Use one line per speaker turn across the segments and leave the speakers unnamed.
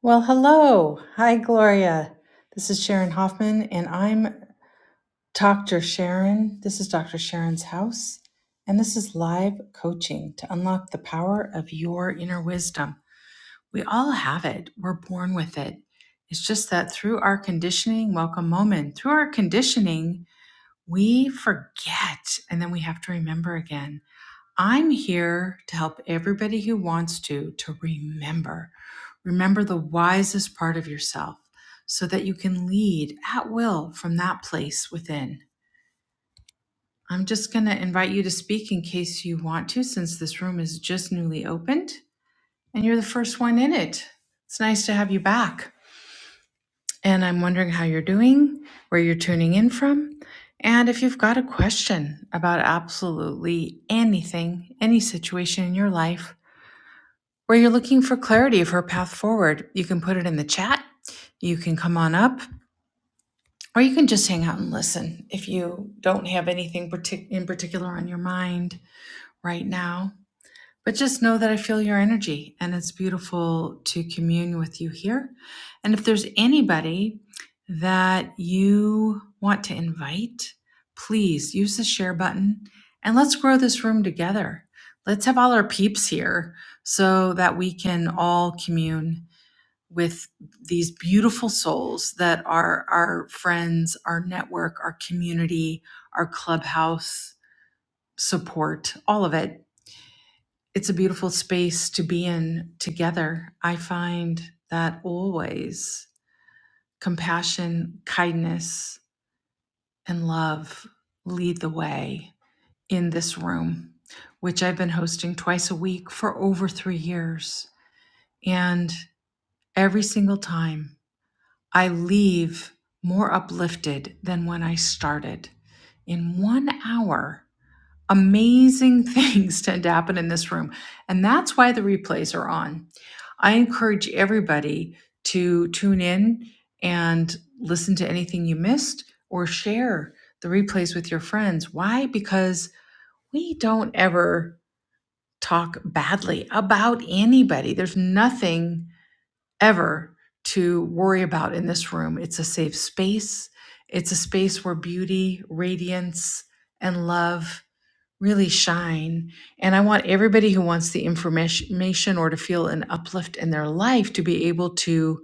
Well, hello. Hi, Gloria. This is Sharon Hoffman, and I'm Dr. Sharon. This is Dr. Sharon's house, and this is live coaching to unlock the power of your inner wisdom. We all have it, we're born with it. It's just that through our conditioning, welcome moment, through our conditioning, we forget and then we have to remember again. I'm here to help everybody who wants to to remember. Remember the wisest part of yourself so that you can lead at will from that place within. I'm just going to invite you to speak in case you want to, since this room is just newly opened and you're the first one in it. It's nice to have you back. And I'm wondering how you're doing, where you're tuning in from, and if you've got a question about absolutely anything, any situation in your life Where you're looking for clarity for a path forward, you can put it in the chat. You can come on up, or you can just hang out and listen if you don't have anything partic- in particular on your mind right now. But just know that I feel your energy and it's beautiful to commune with you here. And if there's anybody that you want to invite, please use the share button and let's grow this room together. Let's have all our peeps here so that we can all commune with these beautiful souls that are our friends, our network, our community, our clubhouse support, all of it it's a beautiful space to be in together. I find that always compassion, kindness, and love lead the way in this room, which I've been hosting twice a week for over three years. And every single time I leave more uplifted than when I started. In one hour, amazing things tend to happen in this room. And that's why the replays are on. I encourage everybody to tune in and listen to anything you missed or share the replays with your friends. Why? Because we don't ever talk badly about anybody. There's nothing ever to worry about in this room. It's a safe space. It's a space where beauty, radiance, and love really shine. And I want everybody who wants the information or to feel an uplift in their life to be able to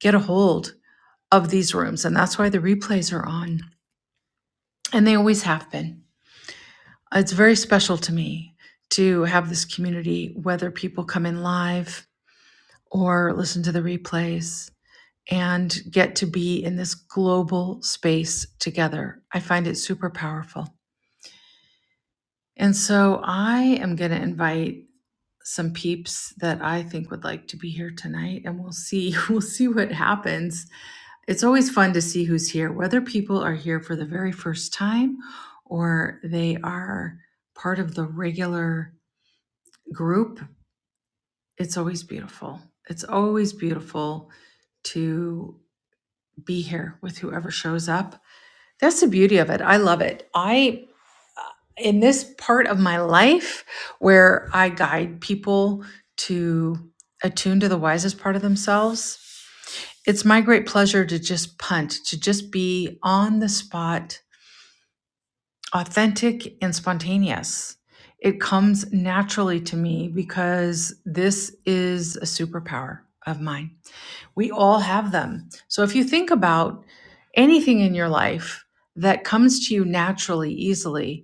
get a hold of these rooms. And that's why the replays are on, and they always have been. It's very special to me to have this community, whether people come in live or listen to the replays and get to be in this global space together. I find it super powerful. And so I am going to invite some peeps that I think would like to be here tonight and we'll see we'll see what happens. It's always fun to see who's here whether people are here for the very first time or they are part of the regular group. It's always beautiful. It's always beautiful to be here with whoever shows up. That's the beauty of it. I love it. I in this part of my life where I guide people to attune to the wisest part of themselves, it's my great pleasure to just punt, to just be on the spot, authentic and spontaneous. It comes naturally to me because this is a superpower of mine. We all have them. So if you think about anything in your life that comes to you naturally, easily,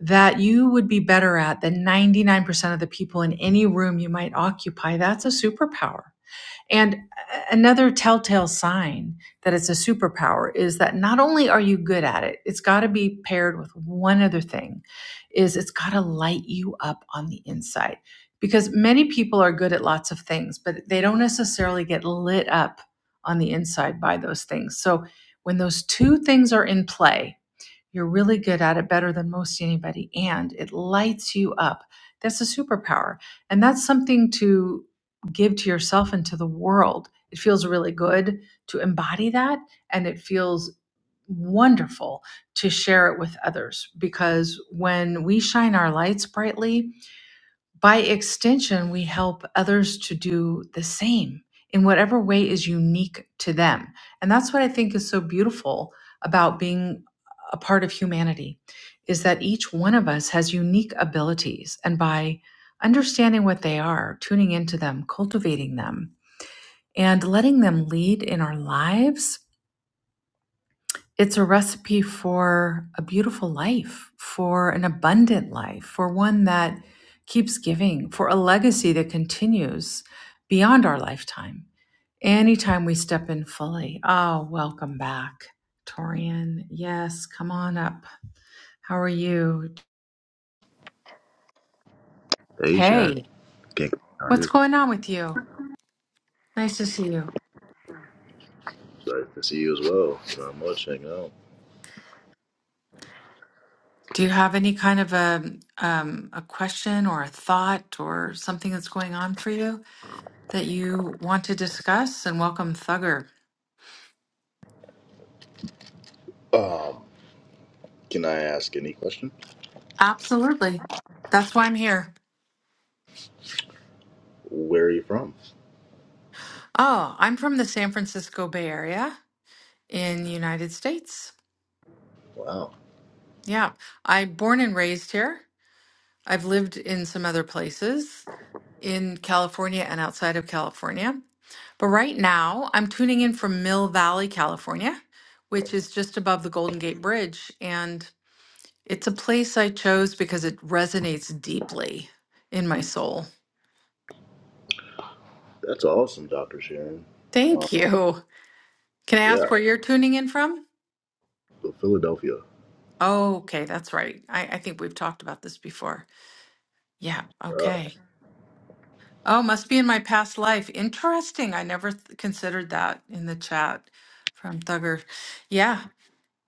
that you would be better at than 99% of the people in any room you might occupy, that's a superpower. And another telltale sign that it's a superpower is that not only are you good at it, it's got to be paired with one other thing is it's got to light you up on the inside. Because many people are good at lots of things, but they don't necessarily get lit up on the inside by those things. So when those two things are in play, you're really good at it better than most anybody, and it lights you up. That's a superpower. And that's something to give to yourself and to the world. It feels really good to embody that, and it feels wonderful to share it with others because when we shine our lights brightly, by extension, we help others to do the same in whatever way is unique to them. And that's what I think is so beautiful about being a part of humanity is that each one of us has unique abilities and by understanding what they are, tuning into them, cultivating them, and letting them lead in our lives, it's a recipe for a beautiful life, for an abundant life, for one that keeps giving, for a legacy that continues beyond our lifetime. Anytime we step in fully. Oh, welcome back, Torian. Yes, come on up. How are you?
Hey, Sharon.
Hey,
Can't how are
what's
you?
going on with you? Nice to see you.
Sorry to see you as well. Thank you very much hanging
Do you have any kind of a um, a question or a thought or something that's going on for you? that you want to discuss and welcome Thugger.
out. Um, can I ask any question?
Absolutely. That's why I'm here.
Where are you from?
Oh, I'm from the San Francisco Bay Area in the United States.
Wow,
Yeah. I am born and raised here. I've lived in some other places in California and outside of California. But right now, I'm tuning in from Mill Valley, California, which is just above the Golden Gate Bridge, and it's a place I chose because it resonates deeply in my soul.
that's awesome, Doctor Sharon. Um,
Thank you. Can I ask
yeah,
where you're tuning in from?
so Philadelphia.
Oh, okay, that's right. I, I think we've talked about this before. Yeah,
Wow.
okay. Oh, must be in my past life. Interesting. I never th- considered that in the chat from Thugger. Yeah,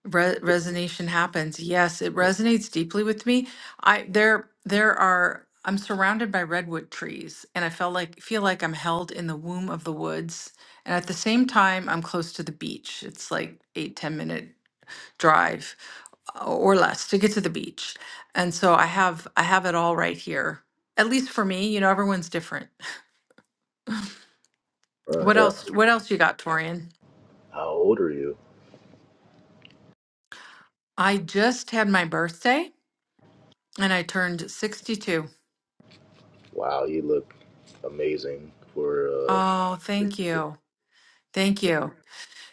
re- resonation happens. Yes, it resonates deeply with me. I there there are I'm surrounded by redwood trees and I felt like feel like I'm held in the womb of the woods. And at the same time, I'm close to the beach. It's like eight, ten minute drive uh, or less to get to the beach. And so I have I have it all right here. At least for me, you know, everyone's different.
Uh,
What
yeah.
else what else you got, Torian?
How old are you?
I just had my birthday and I turned 62.
Wow, you look amazing for. Uh,
Oh, thank you. Thank you.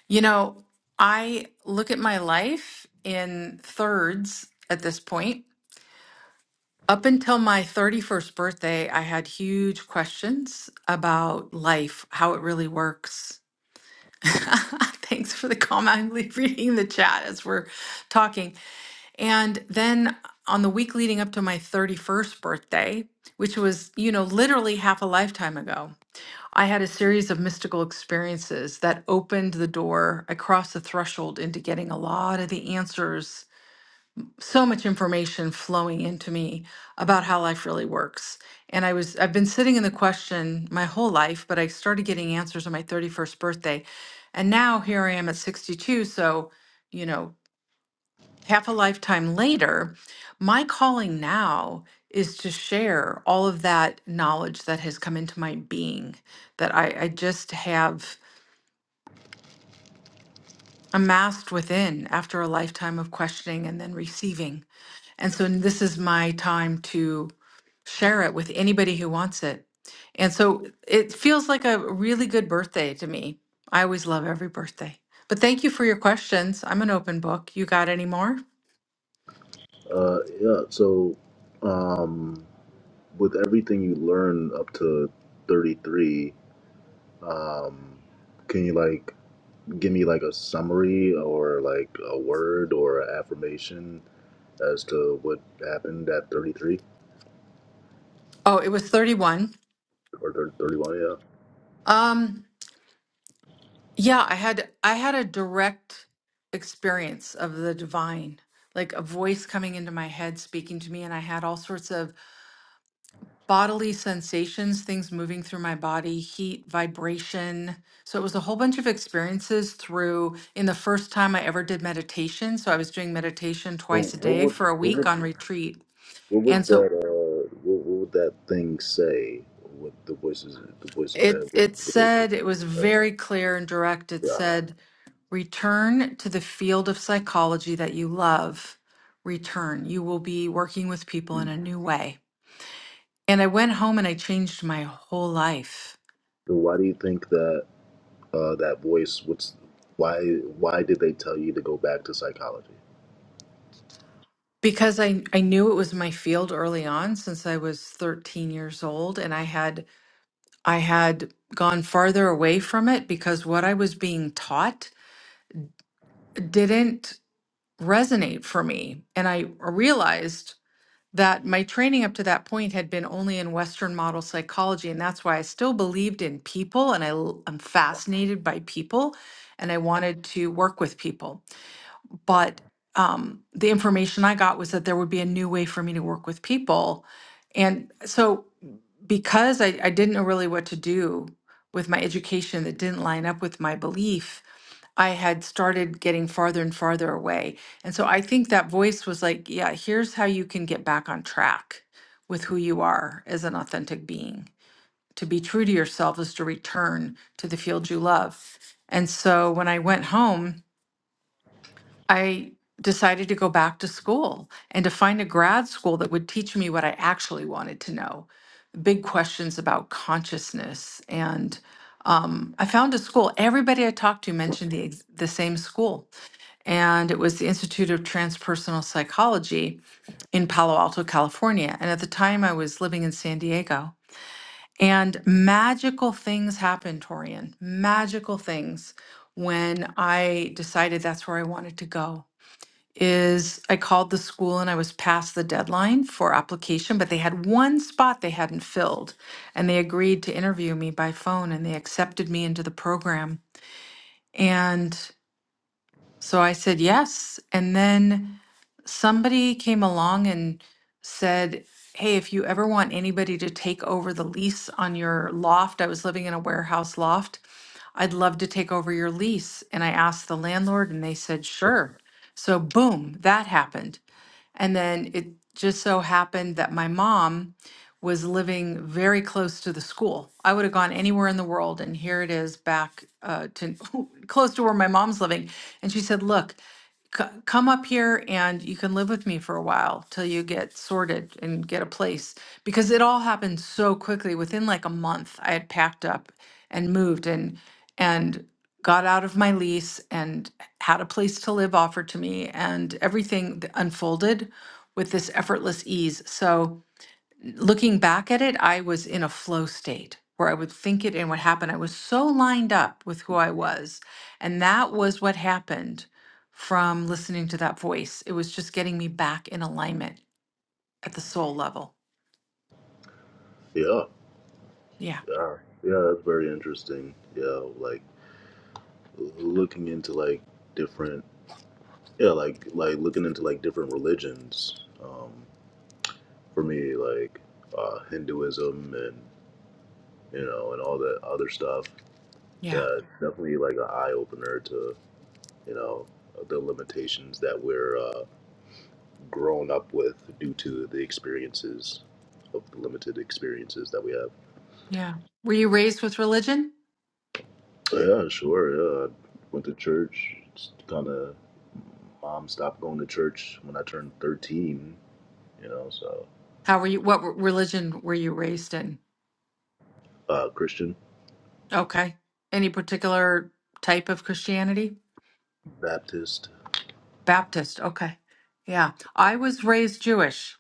You know, I look at my life in thirds at this point. Up until my 31st birthday, I had huge questions about life, how it really works, Thanks for the comment. I'm le- reading the chat as we're talking. And then on the week leading up to my 31st birthday, which was, you know, literally half a lifetime ago, I had a series of mystical experiences that opened the door. I crossed the threshold into getting a lot of the answers so much information flowing into me about how life really works. And I was I've been sitting in the question my whole life, but I started getting answers on my 31st birthday. And now here I am at 62, so you know, half a lifetime later, my calling now is to share all of that knowledge that has come into my being that I, I just have amassed within after a lifetime of questioning and then receiving. And so this is my time to share it with anybody who wants it. And so it feels like a really good birthday to me. I always love every birthday. But thank you for your questions. I'm an open book. You got any more?
uh, yeah. So, um, with everything you learn up to thirty three, um, can you like? give me like a summary or like a word or an affirmation as to what happened at 33
Oh, it was 31.
or 30, 31 yeah
Um yeah, I had I had a direct experience of the divine, like a voice coming into my head speaking to me and I had all sorts of bodily sensations, things moving through my body, heat, vibration. So it was a whole bunch of experiences through in the first time I ever did meditation. So I was doing meditation
so
twice a
what
day
would
for a
what
week
would
on retreat.
what
And
would that
so
uh what, what would that thing say with the voices the voice in your
it
head what,
it
what is it,
said it was
right?
very clear and direct. It
yeah
said, return to the field of psychology that you love. Return. You will be working with people in
Mm.
a new way. And I went home and I changed my whole life.
so why do you think that uh that voice what's why why did they tell you to go back to psychology
Because I, I knew it was my field early on since I was 13 years old and I had I had gone farther away from it because what I was being taught didn't resonate for me and I realized that my training up to that point had been only in western model psychology and that's why I still believed in people and I l- I'm fascinated by people and I wanted to work with people but um, the information I got was that there would be a new way for me to work with people. And so, because I, I didn't know really what to do with my education that didn't line up with my belief, I had started getting farther and farther away. And so, I think that voice was like, yeah, here's how you can get back on track with who you are as an authentic being. To be true to yourself is to return to the field you love. And so, when I went home, I decided to go back to school and to find a grad school that would teach me what I actually wanted to know big questions about consciousness. And um, I found a school, everybody I talked to mentioned the, ex- the same school, and it was the Institute of Transpersonal Psychology in Palo Alto, California. And at the time, I was living in San Diego. And magical things happened, Torian. Magical things when I decided that's where I wanted to go is I called the school and I was past the deadline for application, but they had one spot they hadn't filled. And they agreed to interview me by phone and they accepted me into the program. And so I said yes. And then somebody came along and said, Hey, if you ever want anybody to take over the lease on your loft, I was living in a warehouse loft, I'd love to take over your lease. And I asked the landlord, and they said, Sure. So, boom, that happened. And then it just so happened that my mom, was living very close to the school. I would have gone anywhere in the world, and here it is back uh, to close to where my mom's living. And she said, "Look, c- come up here, and you can live with me for a while till you get sorted and get a place." Because it all happened so quickly. Within like a month, I had packed up and moved, and and got out of my lease and had a place to live offered to me, and everything th- unfolded with this effortless ease. So looking back at it, I was in a flow state where I would think it and what happened. I was so lined up with who I was. And that was what happened from listening to that voice. It was just getting me back in alignment at the soul level.
yeah
Yeah.
yeah yeah that's very interesting yeah like looking into like different yeah like like looking into like different religions um for me like uh hinduism and you know and all that other stuff yeah
Yeah.
it's definitely like an eye-opener to you know the limitations that we're uh grown up with due to the experiences of the limited experiences that we have
Yeah. Were you raised with religion?
yeah sure yeah I went to church kind of mom stopped going to church when i turned 13 you know so
How were you? What re- religion were you raised in?
uh christian
Okay. Any particular type of Christianity?
baptist
Baptist. Okay. Yeah. I was raised Jewish.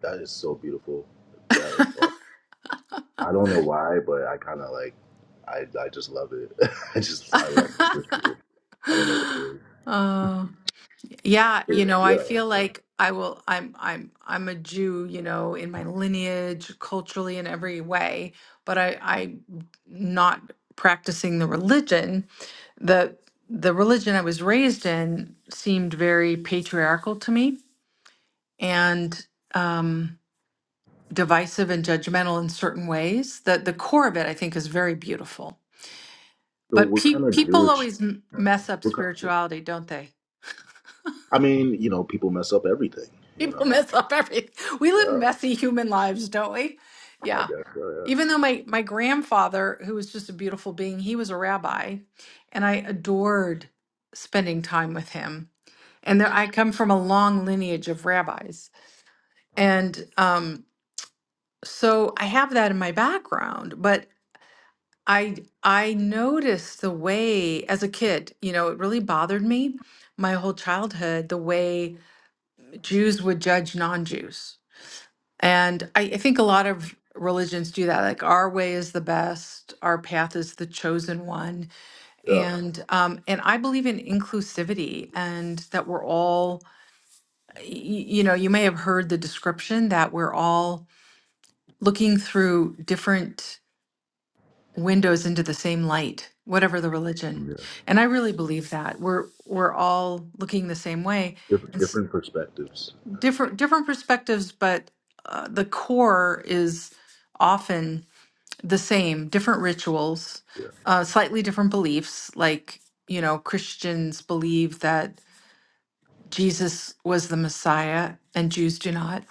That is so beautiful. That is awesome. I don't know why, but I kind of like. I I just love it. I just I like Jewish people. I don't know what it is.
Uh, yeah,
Yeah,
you know, I
yeah.
feel
yeah.
like I will I'm I'm I'm a Jew, you know, in my lineage, culturally in every way, but I I not practicing the religion. The the religion I was raised in seemed very patriarchal to me and um divisive and judgmental in certain ways. The the core of it I think is very beautiful.
So
But
what
pe
kind of
people
Jewish?
always m mess up
What kind,
spirituality, don't they?
I mean, you know, people mess up everything. You
People
know.
mess up everything. We live
Yeah,
messy human lives, don't we?
I
Yeah.
guess. so,
Even though my my grandfather, who was just a beautiful being, he was a rabbi, and I adored spending time with him. And there, I come from a long lineage of rabbis, and um, so I have that in my background. But I I noticed the way as a kid, you know, it really bothered me my whole childhood the way Jews would judge non-Jews And I, I think a lot of religions do that. Like our way is the best, our path is the chosen one.
yeah,
And um, and I believe in inclusivity and that we're all, y- you know, you may have heard the description that we're all looking through different windows into the same light, whatever the
yeah,
religion.
yeah.
And I really believe that we're we're all looking the same way,
Different,
and s-
different perspectives.
different different perspectives, but uh, the core is often. the same, different rituals,
Yeah,
uh, slightly different beliefs. Like, you know, Christians believe that Jesus was the Messiah and Jews do not.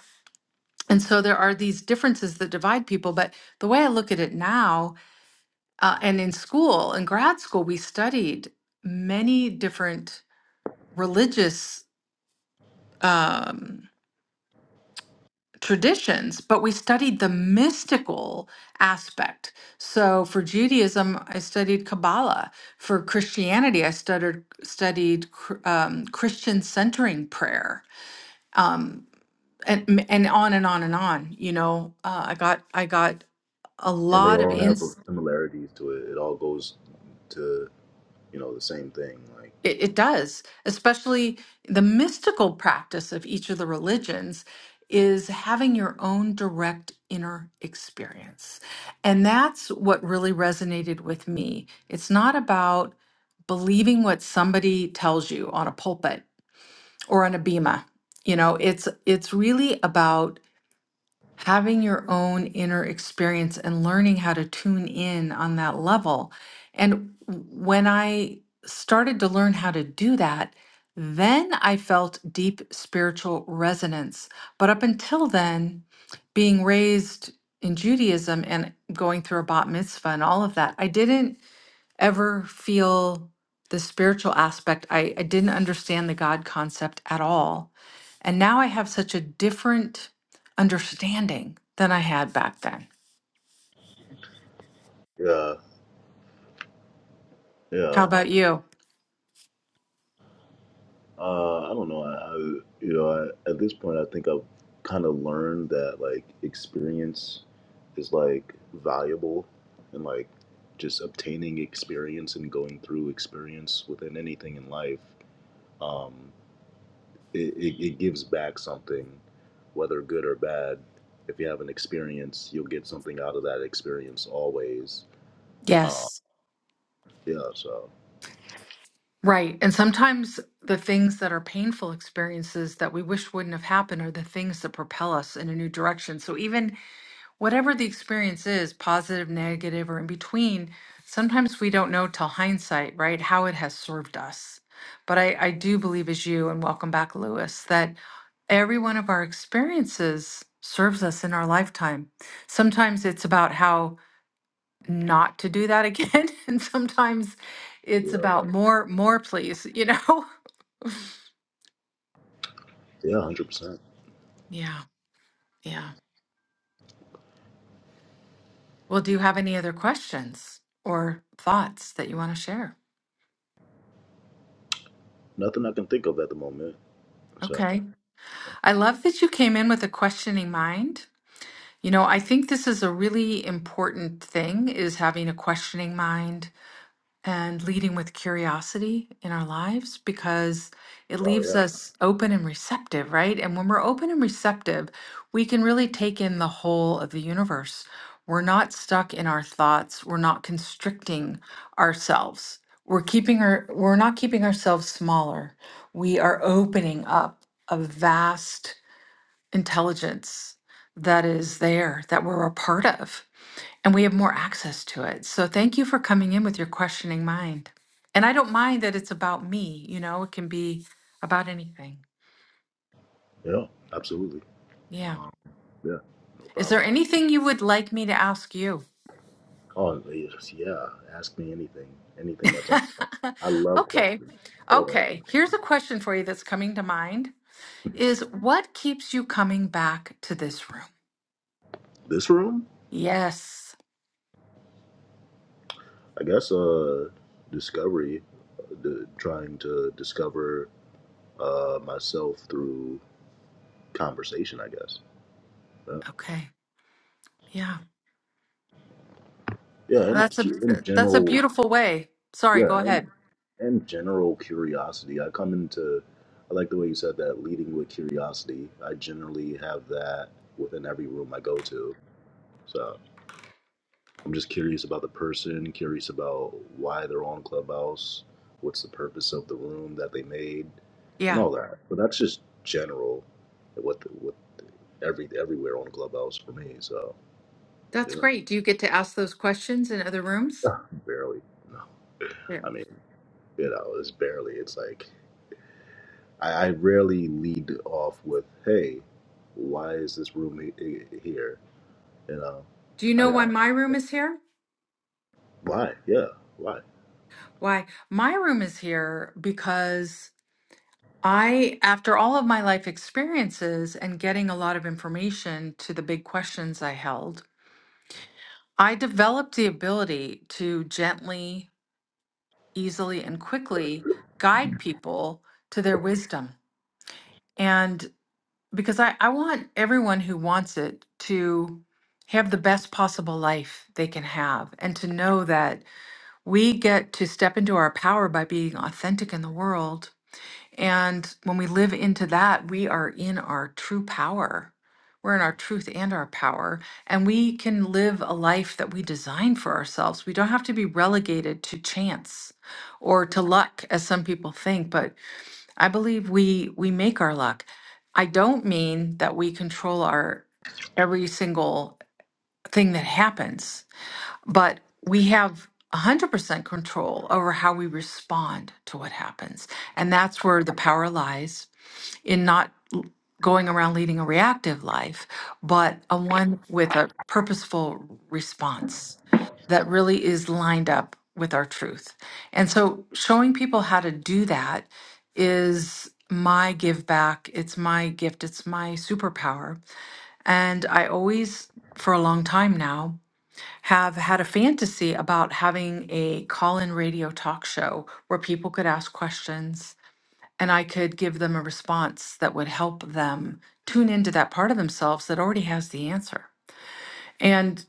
And so there are these differences that divide people. But the way I look at it now, uh, and in school, in grad school, we studied many different religious. Um, traditions, but we studied the mystical aspect. So for Judaism, I studied Kabbalah. For Christianity, I studied studied cr- um, Christian centering prayer, um, and and on and on and on. You know, uh, I got I got a
and they
lot of
all have
ins.
similarities to it. It all goes to you know the same thing. Like
It, it does, especially the mystical practice of each of the religions is having your own direct inner experience. And that's what really resonated with me. It's not about believing what somebody tells you on a pulpit or on a bema. You know, it's it's really about having your own inner experience and learning how to tune in on that level. And when I started to learn how to do that, then I felt deep spiritual resonance. But up until then, being raised in Judaism and going through a bat mitzvah and all of that, I didn't ever feel the spiritual aspect. I, I didn't understand the God concept at all. And now I have such a different understanding than I had back then.
yeah, yeah.
How about you?
Uh, I don't know. I, I you know, I, at this point, I think I've kind of learned that like experience is like valuable, and like just obtaining experience and going through experience within anything in life, um, it, it, it gives back something, whether good or bad. If you have an experience, you'll get something out of that experience always. Um,
Yes.
yeah. So
Right. And sometimes the things that are painful experiences that we wish wouldn't have happened are the things that propel us in a new direction. So even whatever the experience is, positive, negative, or in between, sometimes we don't know till hindsight, right, how it has served us. But I, I do believe, as you, and welcome back, Lewis, that every one of our experiences serves us in our lifetime. Sometimes it's about how not to do that again, and sometimes it's
yeah,
about more, more, please, you know?
yeah, hundred percent.
Yeah, yeah. Well, do you have any other questions or thoughts that you want to share?
Nothing I can think of at the moment. So.
Okay. I love that you came in with a questioning mind. You know, I think this is a really important thing is having a questioning mind and leading with curiosity in our lives because it
Oh
leaves
yeah.
us open and receptive, right? And when we're open and receptive, we can really take in the whole of the universe. We're not stuck in our thoughts. We're not constricting ourselves. We're keeping our we're not keeping ourselves smaller. We are opening up a vast intelligence that is there that we're a part of and we have more access to it so thank you for coming in with your questioning mind and i don't mind that it's about me you know it can be about anything
Yeah, absolutely.
yeah
Um, yeah, no
is there
problem.
anything you would like me to ask you
Oh, yes, yeah. Ask me anything, anything that's on your mind. I love
okay
questions. I love asking.
okay here's a question for you that's coming to mind is what keeps you coming back to this room
This room,
yes
I guess, uh, discovery, uh, the, trying to discover uh, myself through conversation. I guess. Yeah,
okay yeah
yeah and
that's a
cu- in
that's a
general,
beautiful way sorry
yeah,
go
and,
ahead
and general curiosity. I come into. I like the way you said that, leading with curiosity. I generally have that within every room I go to. So I'm just curious about the person, curious about why they're on Clubhouse, what's the purpose of the room that they made, and
Yeah,
all that. But that's just general, what what every everywhere on Clubhouse for me. So
that's
you
great. Do you get to ask those questions in other rooms?
know, barely. No,
Yeah.
I mean, you know, it's barely. It's like I, I rarely lead off with, "Hey, why is this room he- he- here?" You know,
Do you
I,
know why
I
my room is here?
why? Yeah, why?
Why my room is here because I, after all of my life experiences and getting a lot of information to the big questions I held, I developed the ability to gently, easily, and quickly guide people to their wisdom. and. because I, I want everyone who wants it to have the best possible life they can have and to know that we get to step into our power by being authentic in the world. And when we live into that, we are in our true power. We're in our truth and our power. And we can live a life that we design for ourselves. We don't have to be relegated to chance or to luck, as some people think, but I believe we we make our luck. I don't mean that we control our every single thing that happens but we have 100% control over how we respond to what happens. And that's where the power lies in not l- going around leading a reactive life, but a one with a purposeful response that really is lined up with our truth. And so showing people how to do that is my give back. It's my gift. It's my superpower. And I always, for a long time now, have had a fantasy about having a call-in radio talk show where people could ask questions and I could give them a response that would help them tune into that part of themselves that already has the answer. And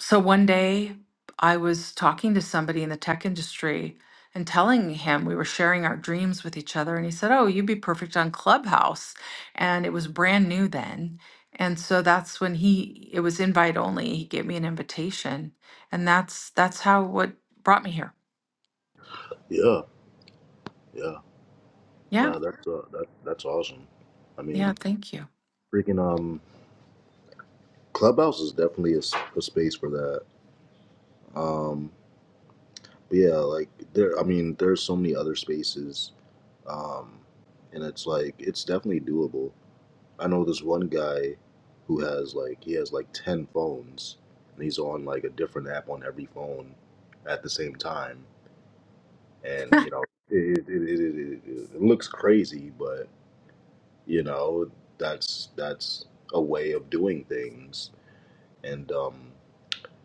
so one day I was talking to somebody in the tech industry and telling him we were sharing our dreams with each other. And he said, Oh, you'd be perfect on Clubhouse. And it was brand new then. And so that's when he it was invite only. He gave me an invitation. And that's that's how what brought me here.
Yeah, yeah.
Yeah.
Yeah, that's uh, that, that's awesome. I
Yeah.
mean,
Thank you.
freaking um, Clubhouse is definitely a, s- a space for that. Um, but yeah, like there, I mean, there's so many other spaces. Um, and it's like it's definitely doable. I know this one guy who has like he has like ten phones, and he's on like a different app on every phone at the same time. And you know, it it, it, it, it, it looks crazy, you know that's that's a way of doing things and um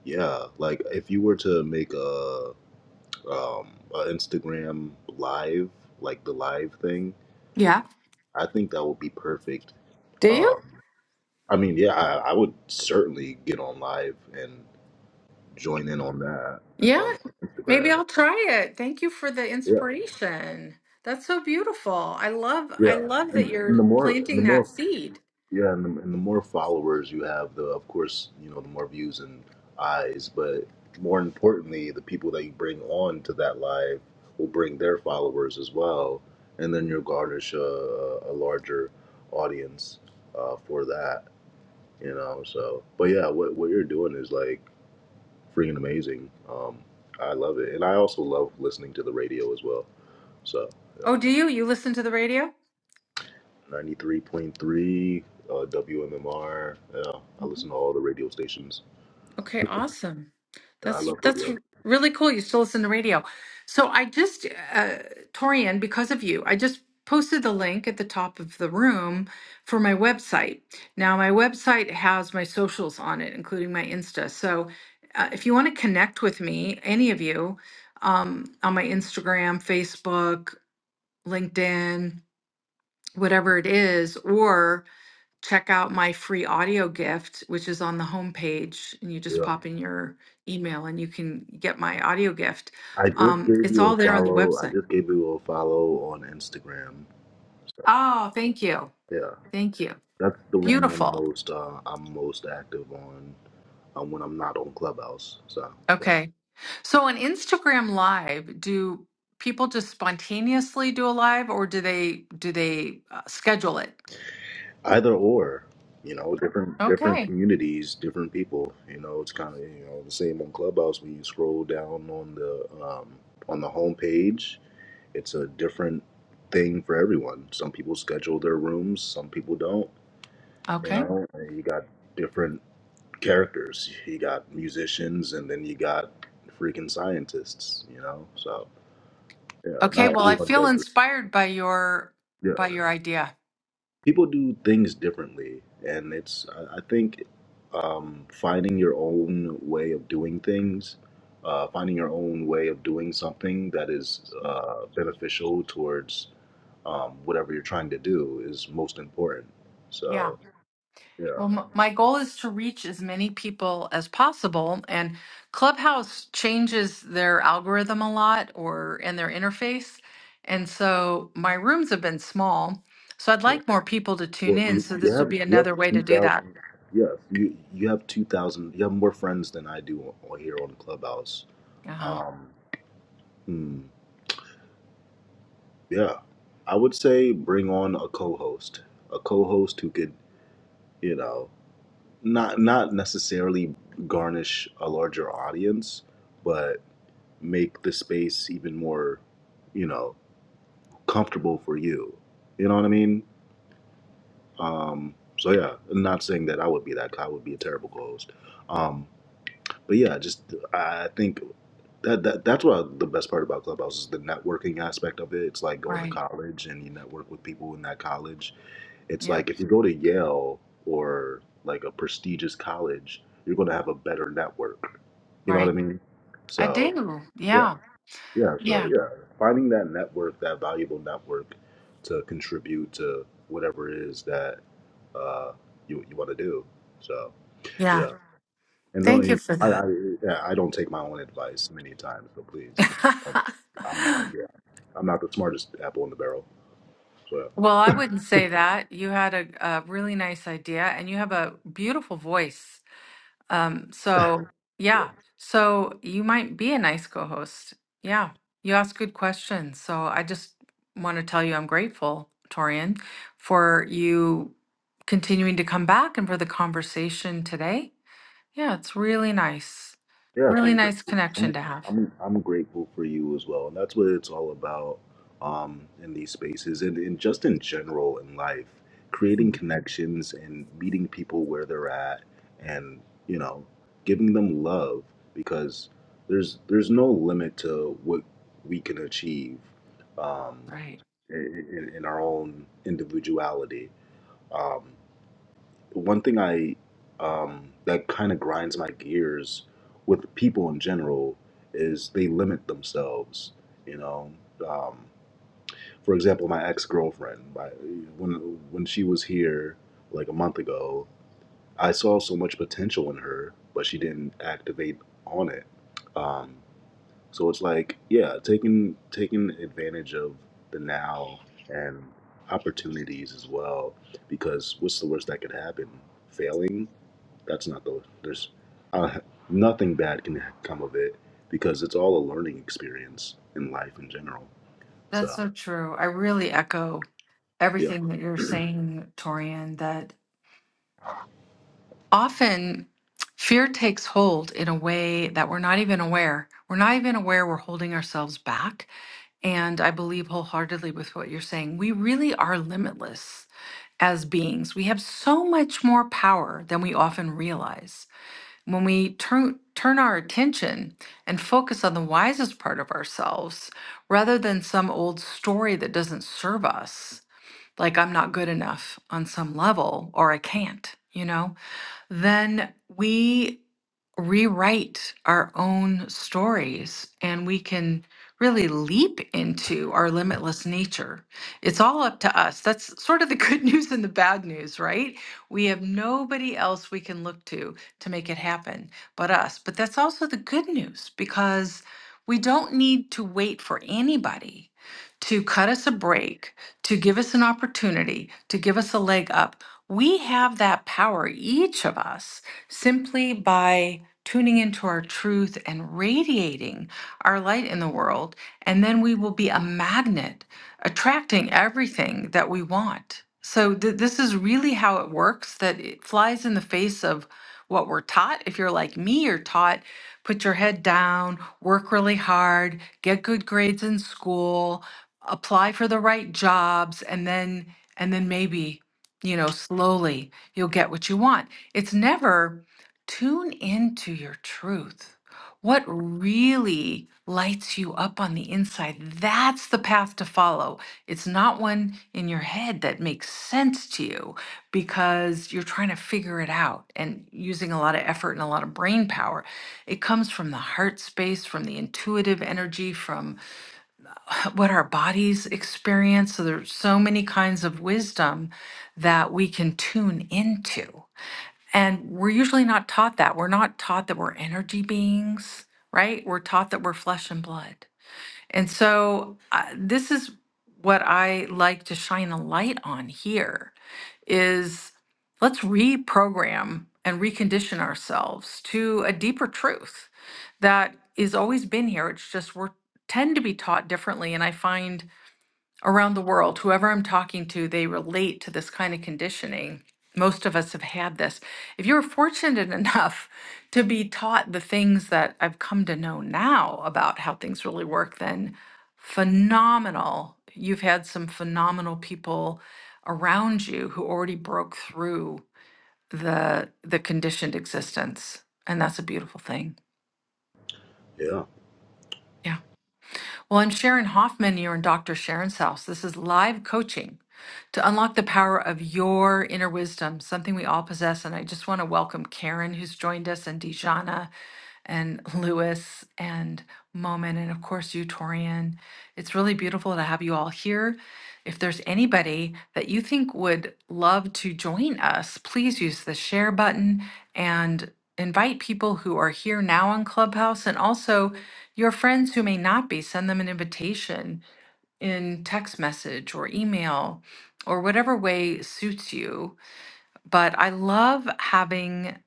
yeah like if you were to make a um a instagram live like the live thing
Yeah.
i think that would be perfect
Do
um
you?
i mean yeah i, I would certainly get on live and join in on that
Yeah.
on, on
Maybe
instagram
I'll try it. Thank you for the
yeah
inspiration. That's so beautiful. I love I
yeah
love that
and, and the
you're
more and the
planting that
more
seed.
Yeah, and the, and the more followers you have, the of course you know the more views and eyes, but more importantly, the people that you bring on to that live will bring their followers as well, and then you'll garnish a, a larger audience uh, for that. You know, so but yeah, what what you're doing is like freaking amazing. Um, I love it, and I also love listening to the radio as well. So. yeah.
Oh, do you? You listen to the radio?
93.3 uh, WMMR. Yeah, I
Mhm.
listen to all the radio stations.
Okay, awesome.
Yeah, I
That's
love
that's
radio.
really cool. You still listen to radio. So I just, uh, Torian, because of you, I just posted the link at the top of the room for my website. Now my website has my socials on it, including my Insta. So uh, if you want to connect with me, any of you, um, on my Instagram, Facebook, LinkedIn, whatever it is, or check out my free audio gift, which is on the homepage, and you just
Yeah.
pop in your email and you can get my audio gift.
I just
Um,
gave
it's
you
all
a
there on the
follow. I
website.
just gave you a follow on Instagram. So,
Oh, thank you.
yeah,
Thank you.
that's the one I'm
Beautiful.
most uh, I'm most active on um, when I'm not on Clubhouse. So yeah,
Okay. So on Instagram Live, do people just spontaneously do a live or do they do they uh, schedule it?
either or, you know, different different
Okay.
communities, different people. You know, it's kind of you know the same on Clubhouse when you scroll down on the um, on the homepage. it's a different thing for everyone. Some people schedule their rooms, some people don't. You
Okay.
know, and you got different characters. You got musicians, and then you got freaking scientists. You know, so yeah,
Okay,
not
well I
everyone
feel
does. It.
inspired by your
Yeah,
by your idea.
people do things differently and it's i, I think um, finding your own way of doing things uh, finding your own way of doing something that is uh, beneficial towards um, whatever you're trying to do is most important
Yeah.
so yeah
Well, m- my goal is to reach as many people as possible, and Clubhouse changes their algorithm a lot or and their interface. And so my rooms have been small, so I'd
yeah
like more people to tune
well
in.
you,
So
you
this would
have
be
you have
another way to do that.
2000 yes you you have 2000 you have more friends than i do on here on clubhouse
Uh-huh.
um hmm. Yeah, I would say bring on a co-host, a co-host who could, you know, not not necessarily garnish a larger audience, but make the space even more, you know, comfortable for you. You know what I mean? Um, so yeah, I'm not saying that I would be that guy. I would be a terrible co-host. Um, but yeah, just I think that, that that's what I, the best part about Clubhouse is the networking aspect of it. It's like going to
Right.
college and you network with people in that college It's
Yep.
like if you go to Yale or like a prestigious college, you're going to have a better network. You know what
Right.
I mean?
I
So,
do.
yeah.
Yeah.
Yeah. So,
Yeah.
yeah. Finding that network, that valuable network to contribute to whatever it is that uh, you, you want to do. So,
Yeah.
yeah. And no,
Thank
I,
you for that.
I, yeah, I don't take my own advice many times. So please, don't- I'm not, yeah, I'm not the smartest apple in the barrel. So,
Well, I wouldn't say that. You had a, a really nice idea, and you have a beautiful voice. Um, so
yeah.
yeah, so you might be a nice co-host. Yeah, you ask good questions. So I just want to tell you I'm grateful, Torian, for you continuing to come back and for the conversation today. Yeah, it's really nice.
Yes,
Really
I'm
nice
grateful.
connection
I'm,
to have.
I'm I'm grateful for you as well, and that's what it's all about um, in these spaces, and, and just in general in life, creating
Mm,
connections and meeting people where they're at, and you know, giving them love because there's there's no limit to what we can achieve um,
Right.
in, in in our own individuality. Um, one thing I um, that kind of grinds my gears with people in general is they limit themselves. You know, um, for example, my ex girlfriend. My when when she was here like a month ago, I saw so much potential in her, but she didn't activate on it. Um, so it's like, yeah, taking taking advantage of the now and opportunities as well, because what's the worst that could happen? Failing that's not the there's uh, nothing bad can come of it because it's all a learning experience in life in general.
That's
So
so true. I really echo
yeah,
everything that you're saying, Torian, that often fear takes hold in a way that we're not even aware. We're not even aware we're holding ourselves back. And I believe wholeheartedly with what you're saying. We really are limitless as beings. We have so much more power than we often realize. When we turn turn our attention and focus on the wisest part of ourselves rather than some old story that doesn't serve us, like I'm not good enough on some level or I can't, you know? Then we rewrite our own stories and we can really leap into our limitless nature. It's all up to us. That's sort of the good news and the bad news, right? We have nobody else we can look to to make it happen but us. But that's also the good news because we don't need to wait for anybody to cut us a break, to give us an opportunity, to give us a leg up. We have that power, each of us, simply by tuning into our truth and radiating our light in the world. And then we will be a magnet, attracting everything that we want. So, th- this is really how it works that it flies in the face of what we're taught. If you're like me, you're taught put your head down, work really hard, get good grades in school, apply for the right jobs, and then, and then maybe, you know, slowly you'll get what you want. It's never Tune into your truth. What really lights you up on the inside? That's the path to follow. It's not one in your head that makes sense to you because you're trying to figure it out and using a lot of effort and a lot of brain power. It comes from the heart space, from the intuitive energy, from what our bodies experience. So there's so many kinds of wisdom that we can tune into. And we're usually not taught that. We're not taught that we're energy beings, right? We're taught that we're flesh and blood. And so uh, this is what I like to shine a light on here is let's reprogram and recondition ourselves to a deeper truth that is always been here. It's just we're tend to be taught differently and I find around the world, whoever I'm talking to, they relate to this kind of conditioning. Most of us have had this. If you were fortunate enough to be taught the things that I've come to know now about how things really work, then phenomenal. You've had some phenomenal people around you who already broke through the the conditioned existence. And that's a beautiful thing.
yeah,
Yeah. Well, I'm Sharon Hoffman. You're in Dr. Sharon's house. This is live coaching. to unlock the power of your inner wisdom, something we all possess. And I just want to welcome Karen, who's joined us, and Dijana, and Lewis, and Moment, and of course, you, Torian. It's really beautiful to have you all here. If there's anybody that you think would love to join us, please use the share button and invite people who are here now on Clubhouse and also your friends who may not be. Send them an invitation in text message or email or whatever way suits you. But I love having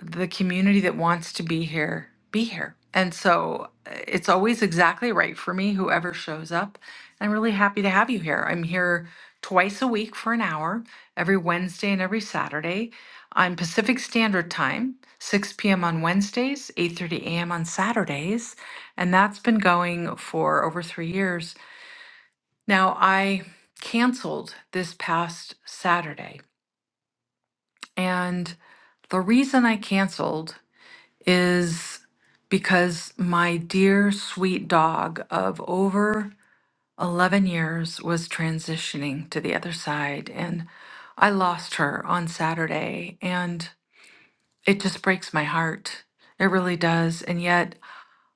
the community that wants to be here be here. And so uh, it's always exactly right for me, whoever shows up. I'm really happy to have you here. I'm here twice a week for an hour, every Wednesday and every Saturday. I'm Pacific Standard Time, 6 p.m. on Wednesdays, 8:30 a.m. on Saturdays, and that's been going for over 3 years. Now, I canceled this past Saturday, and the reason I canceled is because my dear sweet dog of over 11 years was transitioning to the other side, and I lost her on Saturday, and it just breaks my heart. It really does. And yet,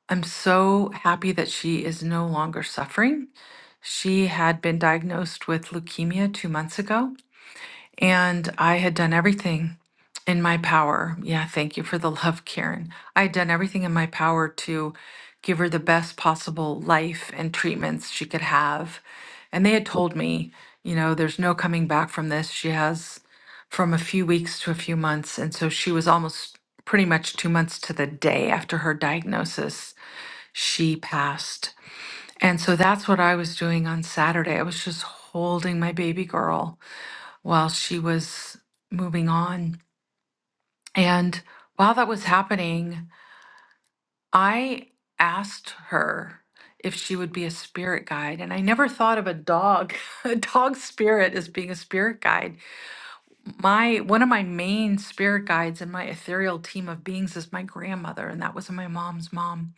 I'm so happy that she is no longer suffering. She had been diagnosed with leukemia two months ago, And I had done everything in my power. Yeah, thank you for the love, Karen. I had done everything in my power to give her the best possible life and treatments she could have. And they had told me, you know, there's no coming back from this. She has from a few weeks to a few months. And so she was almost pretty much two months to the day after her diagnosis, she passed. And so that's what I was doing on Saturday. I was just holding my baby girl while she was moving on. And while that was happening, I asked her if she would be a spirit guide. And I never thought of a dog, a dog spirit as being a spirit guide. My one of my main spirit guides in my ethereal team of beings is my grandmother, and that was my mom's mom.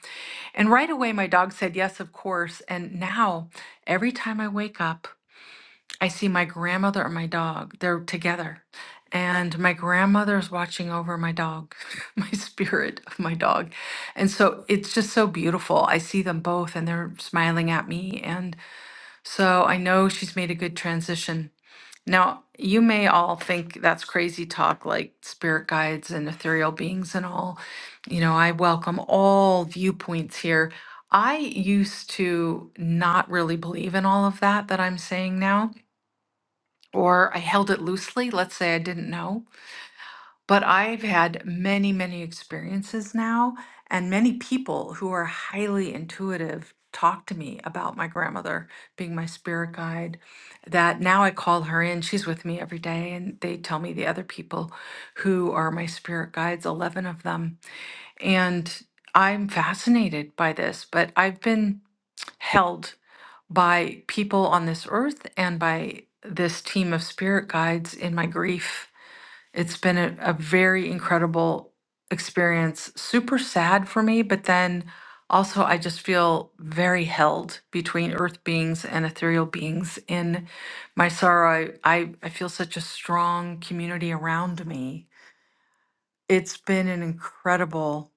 And right away my dog said yes, of course. And now every time I wake up, I see my grandmother and my dog. They're together. And my grandmother is watching over my dog, my spirit of my dog. And so it's just so beautiful. I see them both and they're smiling at me. And so I know she's made a good transition. Now, you may all think that's crazy talk, like spirit guides and ethereal beings and all. You know, I welcome all viewpoints here. I used to not really believe in all of that that I'm saying now or I held it loosely. Let's say I didn't know. But I've had many, many experiences now, and many people who are highly intuitive talk to me about my grandmother being my spirit guide. That now I call her in, she's with me every day, and they tell me the other people who are my spirit guides, 11 of them. And I'm fascinated by this, but I've been held by people on this earth and by this team of spirit guides in my grief. It's been a, a very incredible experience, super sad for me, but then also I just feel very held between earth beings and ethereal beings in my sorrow. I, I, I feel such a strong community around me. It's been an incredible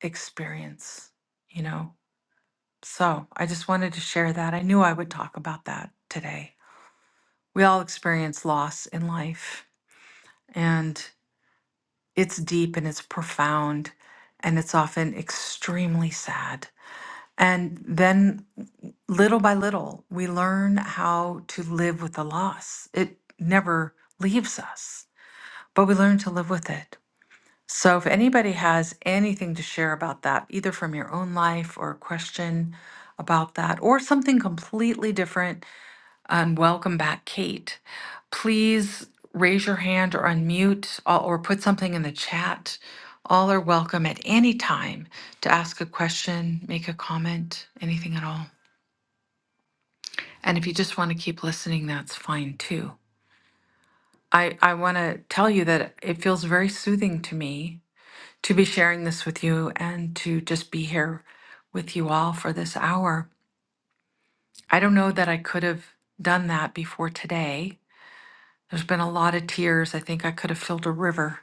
experience, you know. So I just wanted to share that. I knew I would talk about that today. We all experience loss in life, and it's deep and it's profound, and it's often extremely sad. And then, little by little, we learn how to live with the loss. It never leaves us, but we learn to live with it. So, if anybody has anything to share about that, either from your own life or a question about that, or something completely different, and welcome back, Kate. Please raise your hand or unmute or or put something in the chat. All are welcome at any time to ask a question, make a comment, anything at all. And if you just want to keep listening, that's fine too. I, I want to tell you that it feels very soothing to me to be sharing this with you and to just be here with you all for this hour. I don't know that I could have done that before today. There's been a lot of tears. I think I could have filled a river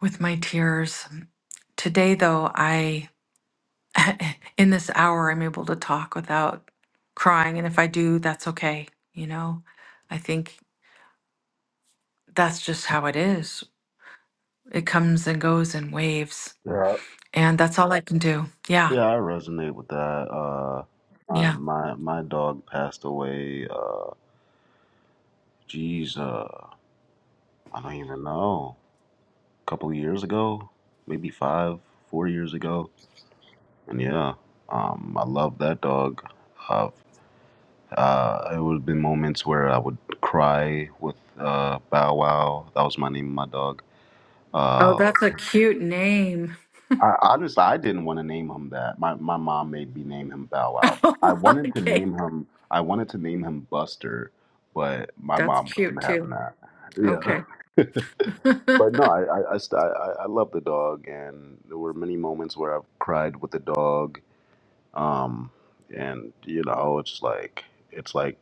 with my tears. Today, though, I, in this hour, I'm able to talk without crying. And if I do, that's okay. You know, I think that's just how it is. It comes and goes in waves.
yeah,
And that's all I can do. Yeah.
yeah. I resonate with that. Uh, my
Yeah.
my my dog passed away. Uh, geez, uh, I don't even know. A couple of years ago, maybe five, four years ago, and yeah, um, I love that dog. Uh, Uh, it would have been moments where I would cry with uh, Bow Wow. That was my name, my dog.
Oh,
Uh,
that's a cute name.
I, honestly, I didn't want to name him that. My my mom made me name him Bow Wow. I
Oh,
wanted to
okay.
name him. I wanted to name him Buster, but my
That's
mom wasn't
cute
having
too.
that. Yeah,
Okay.
but no, I I I, st- I, I love the dog, and there were many moments where I've cried with the dog. Um, and you know, it's like it's like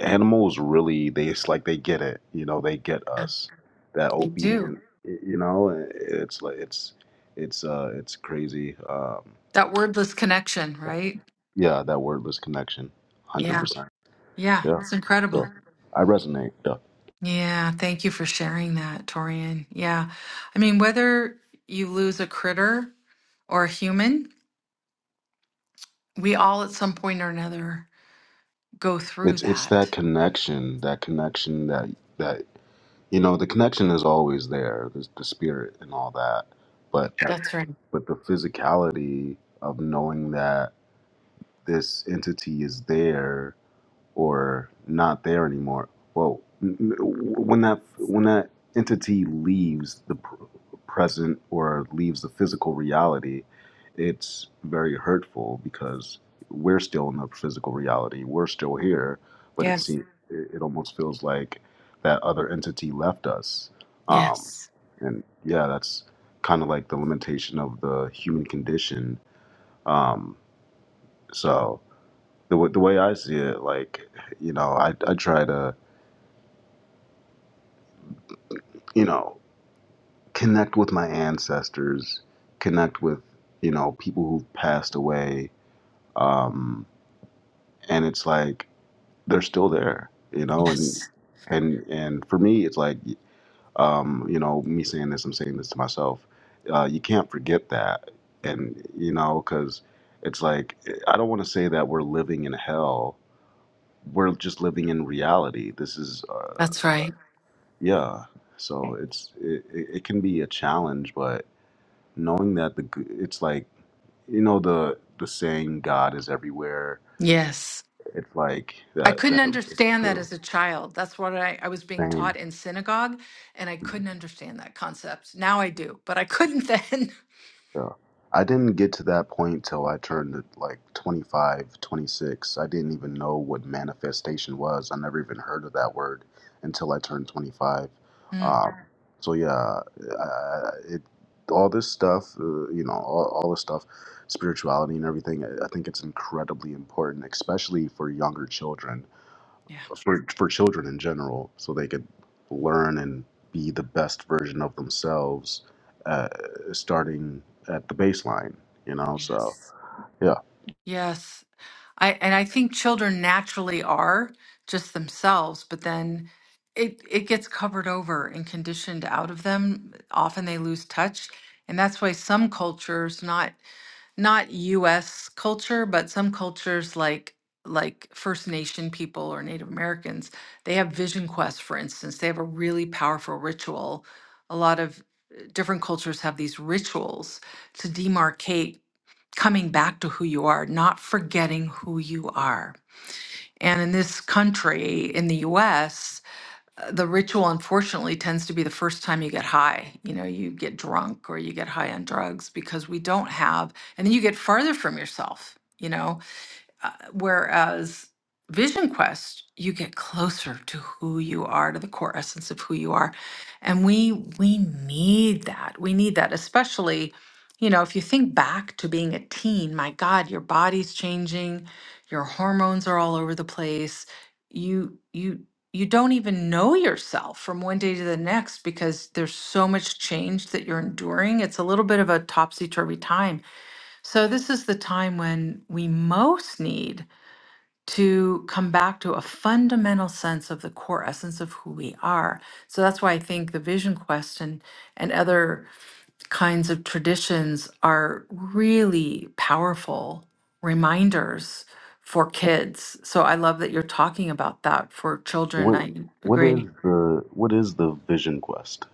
animals really they it's like they get it you know they get
Yeah,
us that
you do.
obedient y- you know it's like it's it's uh it's crazy um
That wordless connection, right?
yeah that wordless connection
Yeah.
100%
Yeah,
yeah
it's
so
incredible.
i resonate yeah
Yeah, thank you for sharing that, Torian. Yeah. I mean, whether you lose a critter or a human, we all at some point or another go through
it's it's that
that.
connection that connection that that you know the connection is always there there's the spirit and all that but
That's right.
but the physicality of knowing that this entity is there or not there anymore. Well, n- n- when that when that entity leaves the pr- present or leaves the physical reality, it's very hurtful because we're still in the physical reality. We're still here, but it
Yes.
seems it, it almost feels like that other entity left us. Um,
Yes.
and yeah, that's kind of like the limitation of the human condition. Um, so the wa- the way I see it, like you know, I I try to you know connect with my ancestors, connect with you know people who've passed away, um, and it's like they're still there, you know, and
Yes.
and and for me, it's like um, you know, me saying this, I'm saying this to myself. Uh, you can't forget that, and you know, because it's like I don't want to say that we're living in hell. We're just living in reality. This is uh,
That's right.
Yeah. So it's it, it it can be a challenge, but knowing that the g- it's like you know the the saying God is everywhere.
Yes.
It's like
I
that
couldn't
that rings
understand that
true.
as a child. That's what I, I was being taught
Same.
in synagogue, and I couldn't understand that concept. Now I do, but I couldn't then.
Yeah. I didn't get to that point till I turned like 25, 26. I didn't even know what manifestation was. I never even heard of that word until I turned 25.
Mm,
Um, so yeah, uh, it all this stuff, uh, you know, all, all this stuff, spirituality and everything. I I think it's incredibly important, especially for younger children
yeah.
for for children in general, so they could learn and be the best version of themselves, uh, starting at the baseline. You know, so
Yes.
yeah.
Yes. I and I think children naturally are just themselves, but then it it gets covered over and conditioned out of them. Often they lose touch, and that's why some cultures, not not U.S. culture, but some cultures like like First Nation people or Native Americans, they have vision quests. For instance, they have a really powerful ritual. A lot of uh, different cultures have these rituals to demarcate coming back to who you are, not forgetting who you are. And in this country, in the US, uh, the ritual unfortunately tends to be the first time you get high. You know, you get drunk or you get high on drugs because we don't have, and then you get farther from yourself. You know, uh, whereas Vision Quest, you get closer to who you are, to the core essence of who you are. And we we need that. We need that, especially, you know, if you think back to being a teen, my God, your body's changing, your hormones are all over the place. You you you don't even know yourself from one day to the next because there's so much change that you're enduring. It's a little bit of a topsy-turvy time. So this is the time when we most need to come back to a fundamental sense of the core essence of who we are. So that's why I think the vision quest and, and other kinds of traditions are really powerful reminders for kids. So I love that you're talking about that for children.
What
I
what is
agree.
the what is the Vision Quest?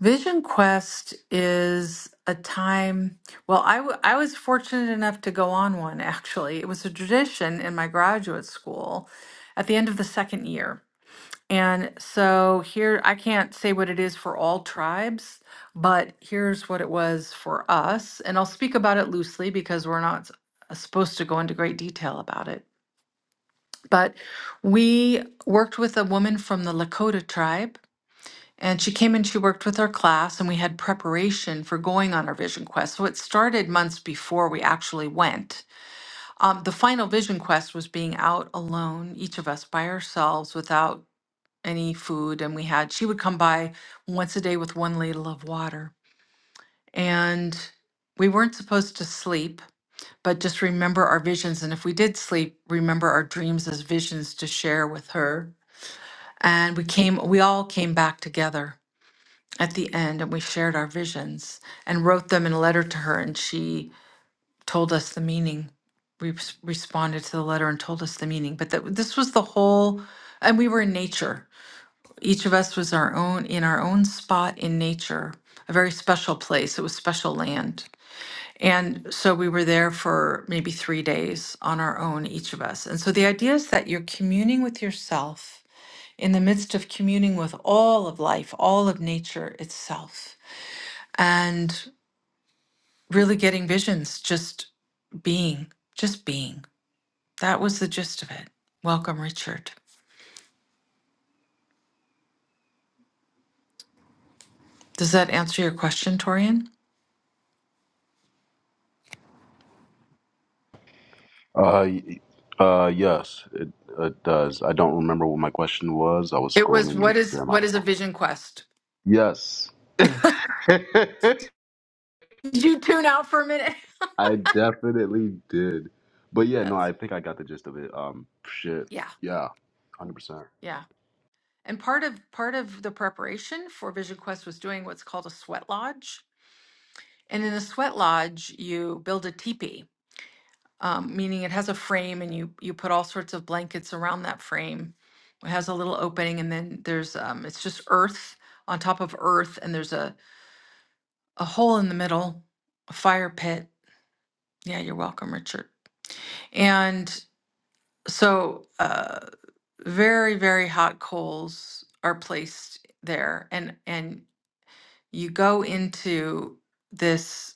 Vision Quest is a time, well, I, w- I was fortunate enough to go on one actually. It was a tradition in my graduate school at the end of the second year. And so here, I can't say what it is for all tribes, but here's what it was for us. And I'll speak about it loosely because we're not s- supposed to go into great detail about it. But we worked with a woman from the Lakota tribe, and she came and she worked with our class, and we had preparation for going on our vision quest. So it started months before we actually went. Um, the final vision quest was being out alone, each of us by ourselves, without any food and we had she would come by once a day with one ladle of water and we weren't supposed to sleep but just remember our visions and if we did sleep remember our dreams as visions to share with her and we came we all came back together at the end and we shared our visions and wrote them in a letter to her and she told us the meaning we res- responded to the letter and told us the meaning but that this was the whole and we were in nature Each of us was our own in our own spot in nature, a very special place. It was special land. And so we were there for maybe three days on our own, each of us. And so the idea is that you're communing with yourself in the midst of communing with all of life, all of nature itself, and really getting visions, just being, just being. That was the gist of it. Welcome, Richard. Does that answer your question, Torian?
Uh, y- uh, yes, it, it does. I don't remember what my question was. I was
It was
scrolling
what is
Instagram.
what
I
is a
apologize.
vision quest?
Yes,
Did you tune out for a minute?
I definitely did. But yeah, no,
That's
I think I got the gist of it. Um, shit,
yeah,
yeah, hundred percent.
yeah. And part of part of the preparation for Vision Quest was doing what's called a sweat lodge. And in the sweat lodge, you build a teepee, um, meaning it has a frame, and you you put all sorts of blankets around that frame. It has a little opening, and then there's um, it's just earth on top of earth, and there's a a hole in the middle, a fire pit. Yeah, you're welcome, Richard. And so. uh. very very hot coals are placed there and and you go into this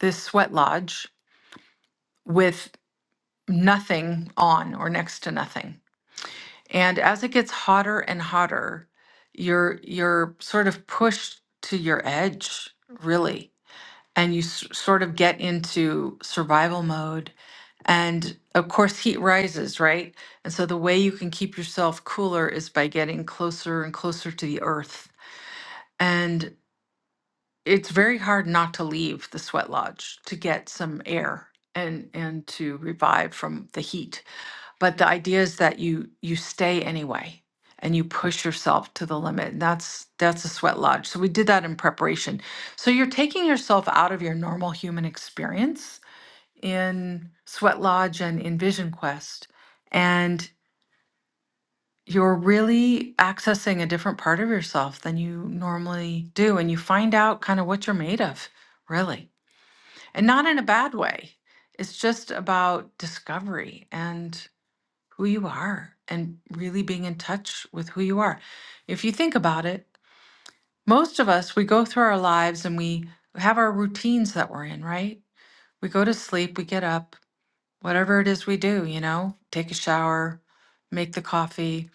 this sweat lodge with nothing on or next to nothing and as it gets hotter and hotter you're you're sort of pushed to your edge really and you s- sort of get into survival mode And of course, heat rises, right? And so the way you can keep yourself cooler is by getting closer and closer to the earth. And it's very hard not to leave the sweat lodge to get some air and and to revive from the heat. But the idea is that you you stay anyway and you push yourself to the limit. And that's that's a sweat lodge. So we did that in preparation. So you're taking yourself out of your normal human experience in Sweat Lodge and in Vision Quest, and you're really accessing a different part of yourself than you normally do. And you find out kind of what you're made of, really, and not in a bad way. It's just about discovery and who you are and really being in touch with who you are. If you think about it, most of us, we go through our lives and we have our routines that we're in, right? We go to sleep, we get up, whatever it is we do, you know, take a shower, make the coffee,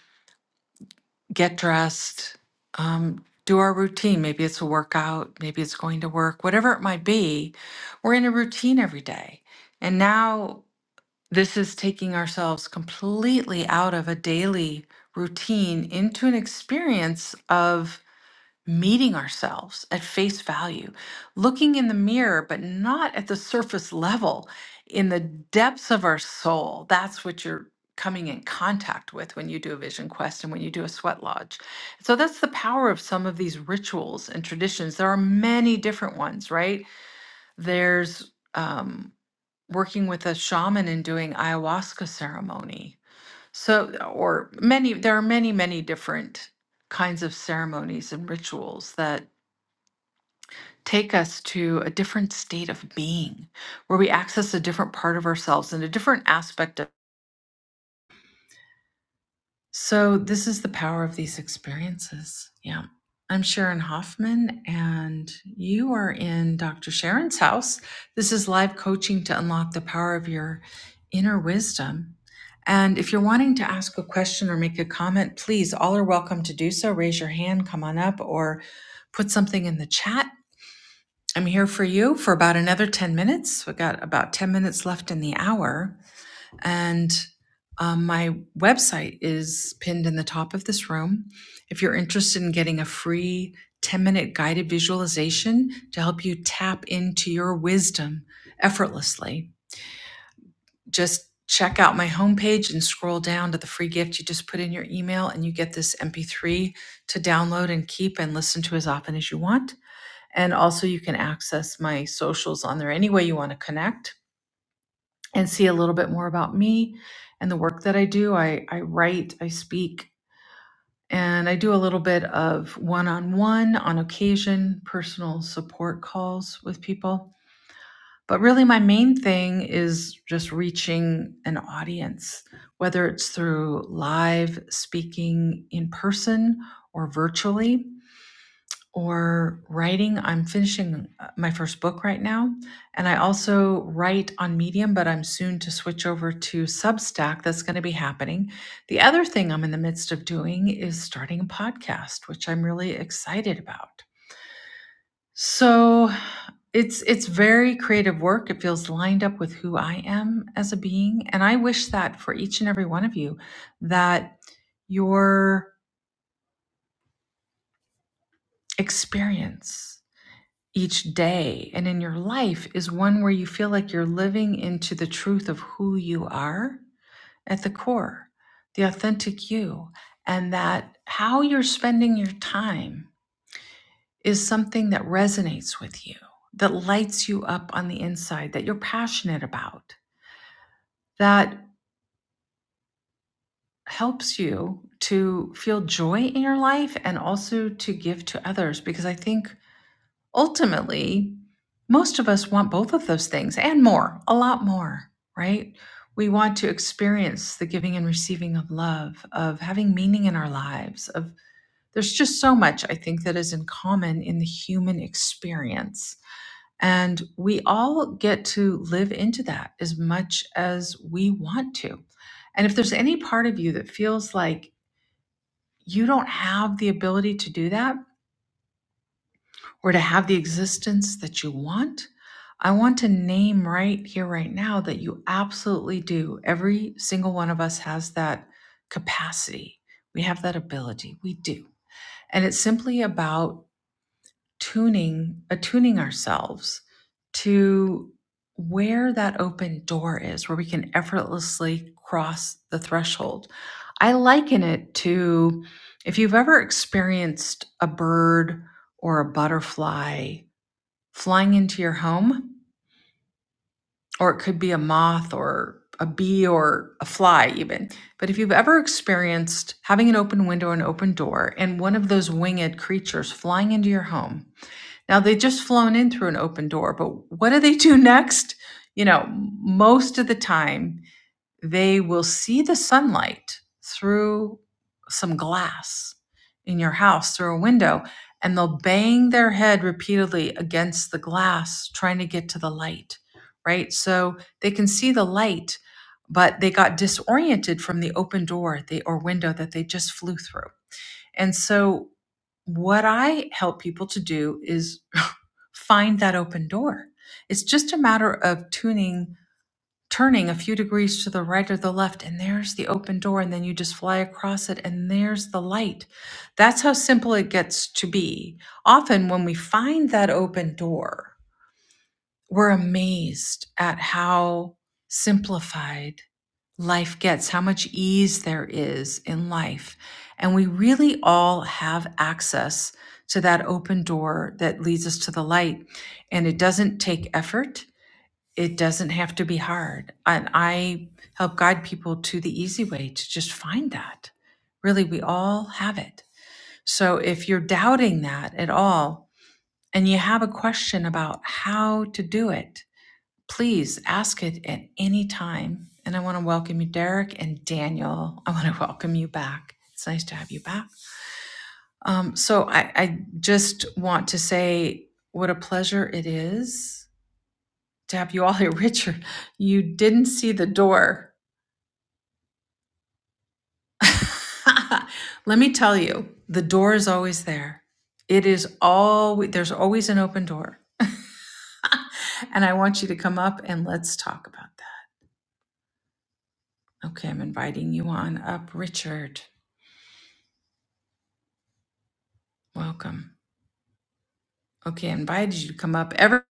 get dressed, um, do our routine. Maybe it's a workout, maybe it's going to work, whatever it might be. We're in a routine every day. And now this is taking ourselves completely out of a daily routine into an experience of meeting ourselves at face value, looking in the mirror, but not at the surface level, in the depths of our soul. That's what you're coming in contact with when you do a vision quest and when you do a sweat lodge. So that's the power of some of these rituals and traditions. There are many different ones, right? There's um, working with a shaman and doing ayahuasca ceremony. So, or many, there are many, many different kinds of ceremonies and rituals that take us to a different state of being where we access a different part of ourselves and a different aspect of so this is the power of these experiences yeah i'm sharon hoffman and you are in dr sharon's house this is live coaching to unlock the power of your inner wisdom and if you're wanting to ask a question or make a comment please all are welcome to do so raise your hand come on up or put something in the chat I'm here for you for about another 10 minutes. We've got about 10 minutes left in the hour. And um, my website is pinned in the top of this room. If you're interested in getting a free 10 minute guided visualization to help you tap into your wisdom effortlessly, just check out my homepage and scroll down to the free gift. You just put in your email and you get this MP3 to download and keep and listen to as often as you want. And also, you can access my socials on there any way you want to connect and see a little bit more about me and the work that I do. I, I write, I speak, and I do a little bit of one on one on occasion personal support calls with people. But really, my main thing is just reaching an audience, whether it's through live speaking in person or virtually. or writing. I'm finishing uh, my first book right now. And I also write on Medium, but I'm soon to switch over to Substack. That's going to be happening. The other thing I'm in the midst of doing is starting a podcast, which I'm really excited about. So it's it's very creative work. It feels lined up with who I am as a being. And I wish that for each and every one of you that your experience each day and in your life is one where you feel like you're living into the truth of who you are at the core, the authentic you, and that how you're spending your time is something that resonates with you, that lights you up on the inside, that you're passionate about, that helps you to feel joy in your life and also to give to others. Because I think ultimately, most of us want both of those things and more, a lot more, right? We want to experience the giving and receiving of love, of having meaning in our lives, of there's just so much I think that is in common in the human experience. And we all get to live into that as much as we want to. And if there's any part of you that feels like you don't have the ability to do that, or to have the existence that you want, I want to name right here, right now, that you absolutely do. Every single one of us has that capacity. We have that ability. We do. And it's simply about tuning, attuning ourselves to where that open door is, where we can effortlessly cross the threshold. I liken it to if you've ever experienced a bird or a butterfly flying into your home, or it could be a moth or a bee or a fly, even. But if you've ever experienced having an open window, an open door, and one of those winged creatures flying into your home, now they just flown in through an open door, but what do they do next? You know, most of the time, they will see the sunlight through some glass in your house through a window and they'll bang their head repeatedly against the glass trying to get to the light right so they can see the light but they got disoriented from the open door they, or window that they just flew through and so what i help people to do is find that open door it's just a matter of tuning turning a few degrees to the right or the left, and there's the open door, and then you just fly across it, and there's the light. That's how simple it gets to be. Often, when we find that open door, we're amazed at how simplified life gets, how much ease there is in life. And we really all have access to that open door that leads us to the light. And it doesn't take effort it doesn't have to be hard. And I help guide people to the easy way to just find that. Really, we all have it. So if you're doubting that at all and you have a question about how to do it, please ask it at any time. And I want to welcome you, Derek and Daniel. I want to welcome you back. It's nice to have you back. Um, so I, I just want to say what a pleasure it is tap you all here, Richard, you didn't see the door. Let me tell you, the door is always there. It is always there's always an open door. and I want you to come up and let's talk about that. Okay, I'm inviting you on up, Richard. Welcome. Okay, I invited you to come up ever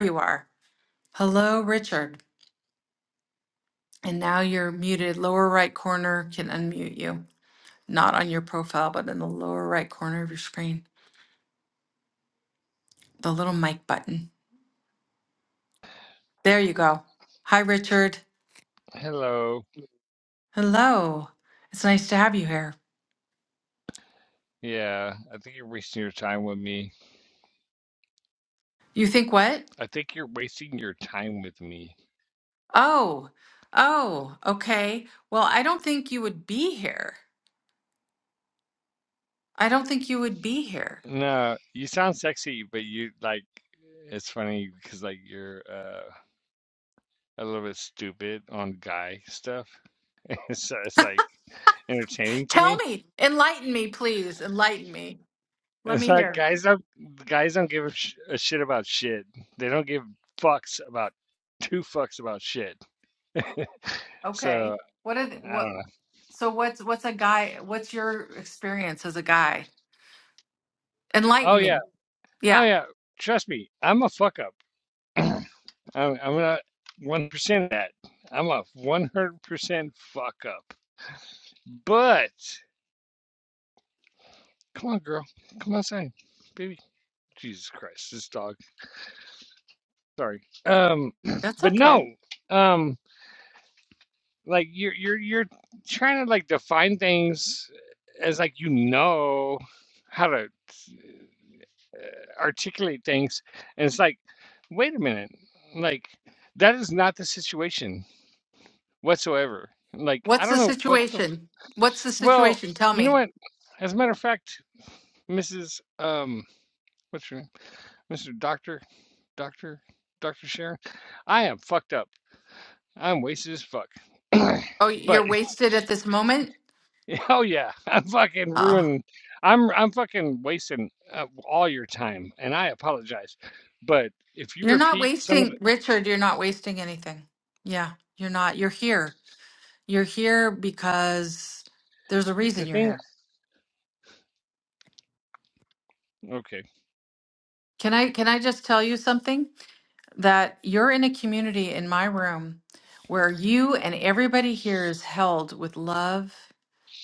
you are. Hello, Richard. And now you're muted. Lower right corner can unmute you. Not on your profile, but in the lower right corner of your screen. The little mic button. There you go. Hi, Richard.
Hello.
Hello. It's nice to have you here.
Yeah, I think you're wasting your time with me.
You think what?
I think you're wasting your time with me.
Oh, oh, okay. Well, I don't think you would be here. I don't think you would be here.
No, you sound sexy, but you like it's funny because like you're uh a little bit stupid on guy stuff. So it's like entertaining to
Tell
me.
me, enlighten me, please. Enlighten me. Let
It's
me
like
hear.
guys don't guys don't give a, sh a shit about shit. They don't give fucks about two fucks about shit.
Okay.
So
What are
I
the, what?
don't know.
So what's what's a guy? What's your experience as a guy?
Oh
Enlighten
yeah.
me.
Oh
Yeah,
yeah. Trust me, I'm a fuck up. I'm, I'm not one percent of that. I'm a one hundred percent fuck up. But come on, girl, come outside, baby. Jesus Christ, this dog. Sorry. Um,
that's
but
okay.
no. Um, like you're you're you're trying to like define things as like you know how to articulate things, and it's like, wait a minute, like that is not the situation whatsoever. Like I
What's the
don't know what the
situation? What's the
Well,
situation? Tell
you know
me.
what? As a matter of fact, Mrs. Um, what's your name? Mr. Doctor, Doctor, Doctor Sharon. I am fucked up. I'm wasted as fuck.
Oh,
But
you're wasted at this moment.
hell yeah, I'm fucking
Uh,
ruining. I'm I'm fucking wasting uh, all your time, and I apologize. But if you
you're not
repeat some of
wasting,
the,
Richard, you're not wasting anything. Yeah, you're not. You're here. You're here because there's a reason
the
you're
thing,
here.
okay.
Can I can I just tell you something? That you're in a community in my room where you and everybody here is held with love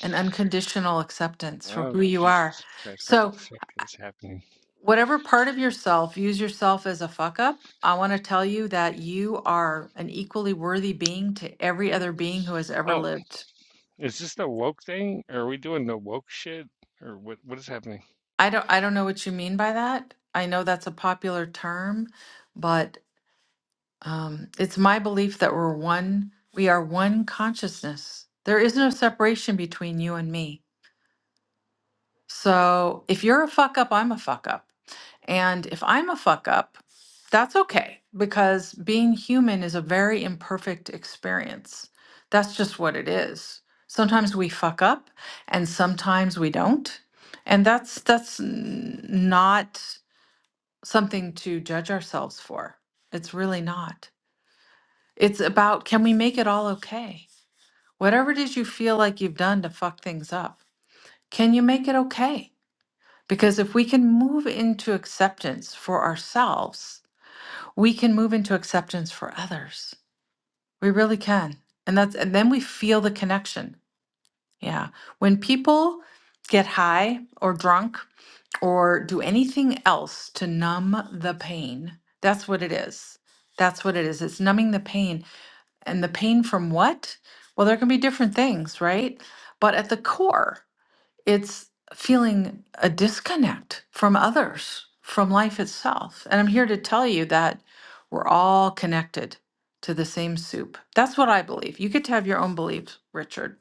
and unconditional acceptance for
Oh
who you are.
Jesus Christ, what the
So
fuck is happening?
whatever part of yourself use yourself as a fuck up i want to tell you that you are an equally worthy being to every other being who has ever
Oh,
lived
is this the woke thing? Are we doing the woke shit, or what? What is happening?
i don't i don't know what you mean by that i know that's a popular term but um, it's my belief that we're one we are one consciousness there is no separation between you and me So if you're a fuck up, I'm a fuck up. And if I'm a fuck up, that's okay because being human is a very imperfect experience. That's just what it is. Sometimes we fuck up and sometimes we don't. And that's that's n- not something to judge ourselves for. It's really not. It's about can we make it all okay? Whatever it is you feel like you've done to fuck things up, can you make it okay? Because if we can move into acceptance for ourselves, we can move into acceptance for others. We really can. And that's and then we feel the connection. Yeah. When people get high or drunk or do anything else to numb the pain, that's what it is. That's what it is. It's numbing the pain. And the pain from what? Well, there can be different things, right? But at the core, it's feeling a disconnect from others, from life itself. And I'm here to tell you that we're all connected to the same soup. That's what I believe. You get to have your own beliefs, Richard,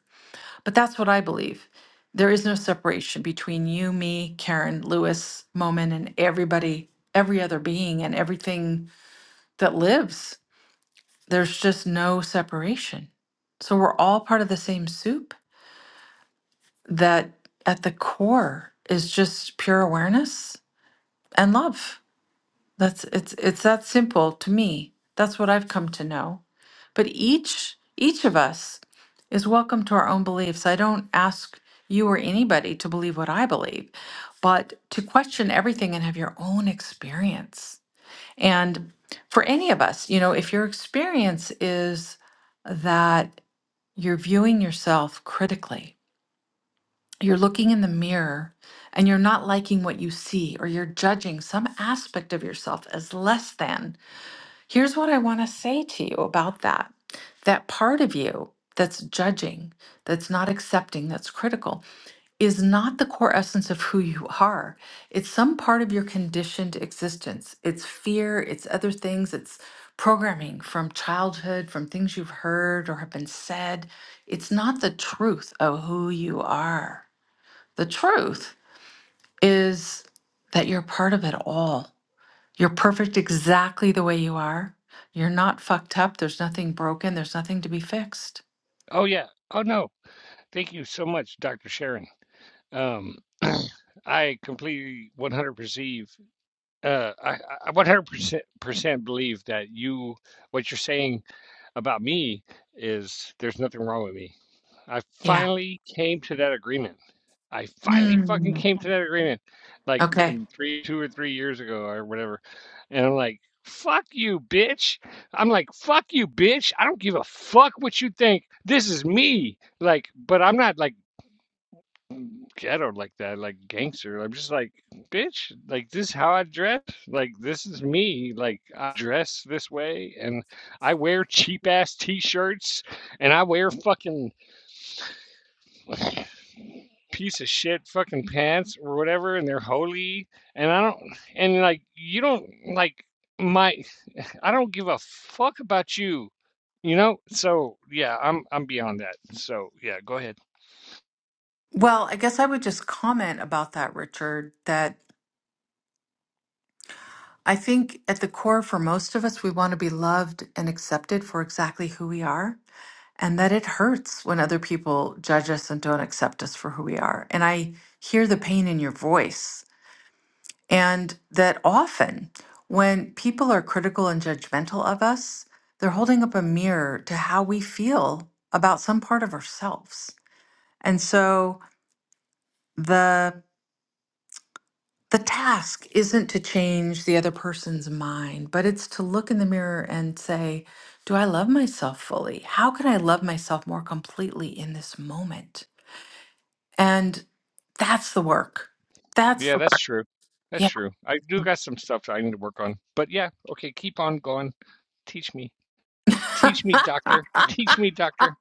but that's what I believe. There is no separation between you, me, Karen, Lewis, Momen, and everybody, every other being, and everything that lives. There's just no separation. So we're all part of the same soup that at the core is just pure awareness and love. That's it's it's that simple to me. That's what I've come to know. But each each of us is welcome to our own beliefs. I don't ask you or anybody to believe what I believe, but to question everything and have your own experience. And for any of us, you know, if your experience is that you're viewing yourself critically, you're looking in the mirror and you're not liking what you see, or you're judging some aspect of yourself as less than, here's what I want to say to you about that. That part of you that's judging, that's not accepting, that's critical, is not the core essence of who you are. It's some part of your conditioned existence. It's fear, it's other things, it's programming from childhood, from things you've heard or have been said. It's not the truth of who you are. The truth is that you're part of it all. You're perfect exactly the way you are. You're not fucked up. There's nothing broken. There's nothing to be fixed.
Oh yeah. Oh no. Thank you so much, Dr. Sharon. Um, I completely 100 perceive. Uh, I, I 100 percent percent believe that you what you're saying about me is there's nothing wrong with me. I
Yeah.
finally came to that agreement. I finally fucking
Mm.
came to that agreement like
Okay.
in three, two or three years ago or whatever. And I'm like, fuck you, bitch. I'm like, fuck you, bitch. I don't give a fuck what you think. This is me. Like, but I'm not like ghetto like that, like gangster. I'm just like, bitch, like this is how I dress. Like, this is me. Like, I dress this way and I wear cheap ass t shirts and I wear fucking. piece of shit fucking pants or whatever and they're holy and I don't and like you don't like my I don't give a fuck about you. You know? So yeah, I'm I'm beyond that. So yeah, go ahead.
Well, I guess I would just comment about that, Richard, that I think at the core for most of us, we want to be loved and accepted for exactly who we are, and that it hurts when other people judge us and don't accept us for who we are. And I hear the pain in your voice And that often when people are critical and judgmental of us, they're holding up a mirror to how we feel about some part of ourselves. And so the the task isn't to change the other person's mind, but it's to look in the mirror and say, do I love myself fully? How can I love myself more completely in this moment? And that's the work. That's
Yeah,
the-
that's true. That's
yeah.
true. I do got some stuff that I need to work on. But yeah, okay, keep on going. Teach me. Teach me, doctor. Teach me, doctor.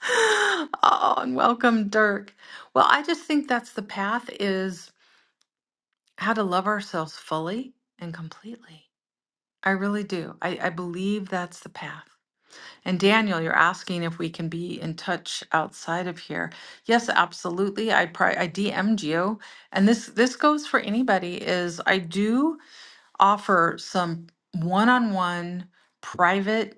Oh, and welcome, Dirk. Well, I just think that's the path is how to love ourselves fully and completely. I really do. I, I believe that's the path. And Daniel, you're asking if we can be in touch outside of here. Yes, absolutely. I pri- I DM'd you, and this this goes for anybody. Is I do offer some one-on-one private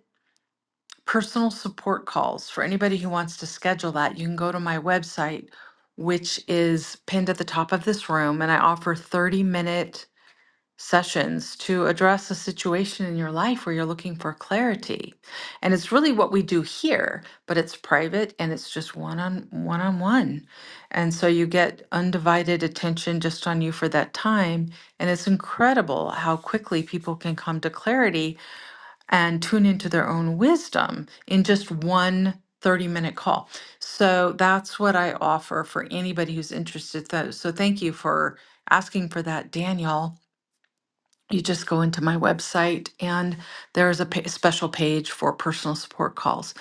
personal support calls. For anybody who wants to schedule that, you can go to my website, which is pinned at the top of this room. And I offer 30 minute sessions to address a situation in your life where you're looking for clarity. And it's really what we do here, but it's private and it's just one on one on one. And so you get undivided attention just on you for that time. And it's incredible how quickly people can come to clarity and tune into their own wisdom in just one thirty minute call. So that's what I offer for anybody who's interested. Though. So thank you for asking for that, Daniel. You just go into my website, and there's a pa- special page for personal support calls.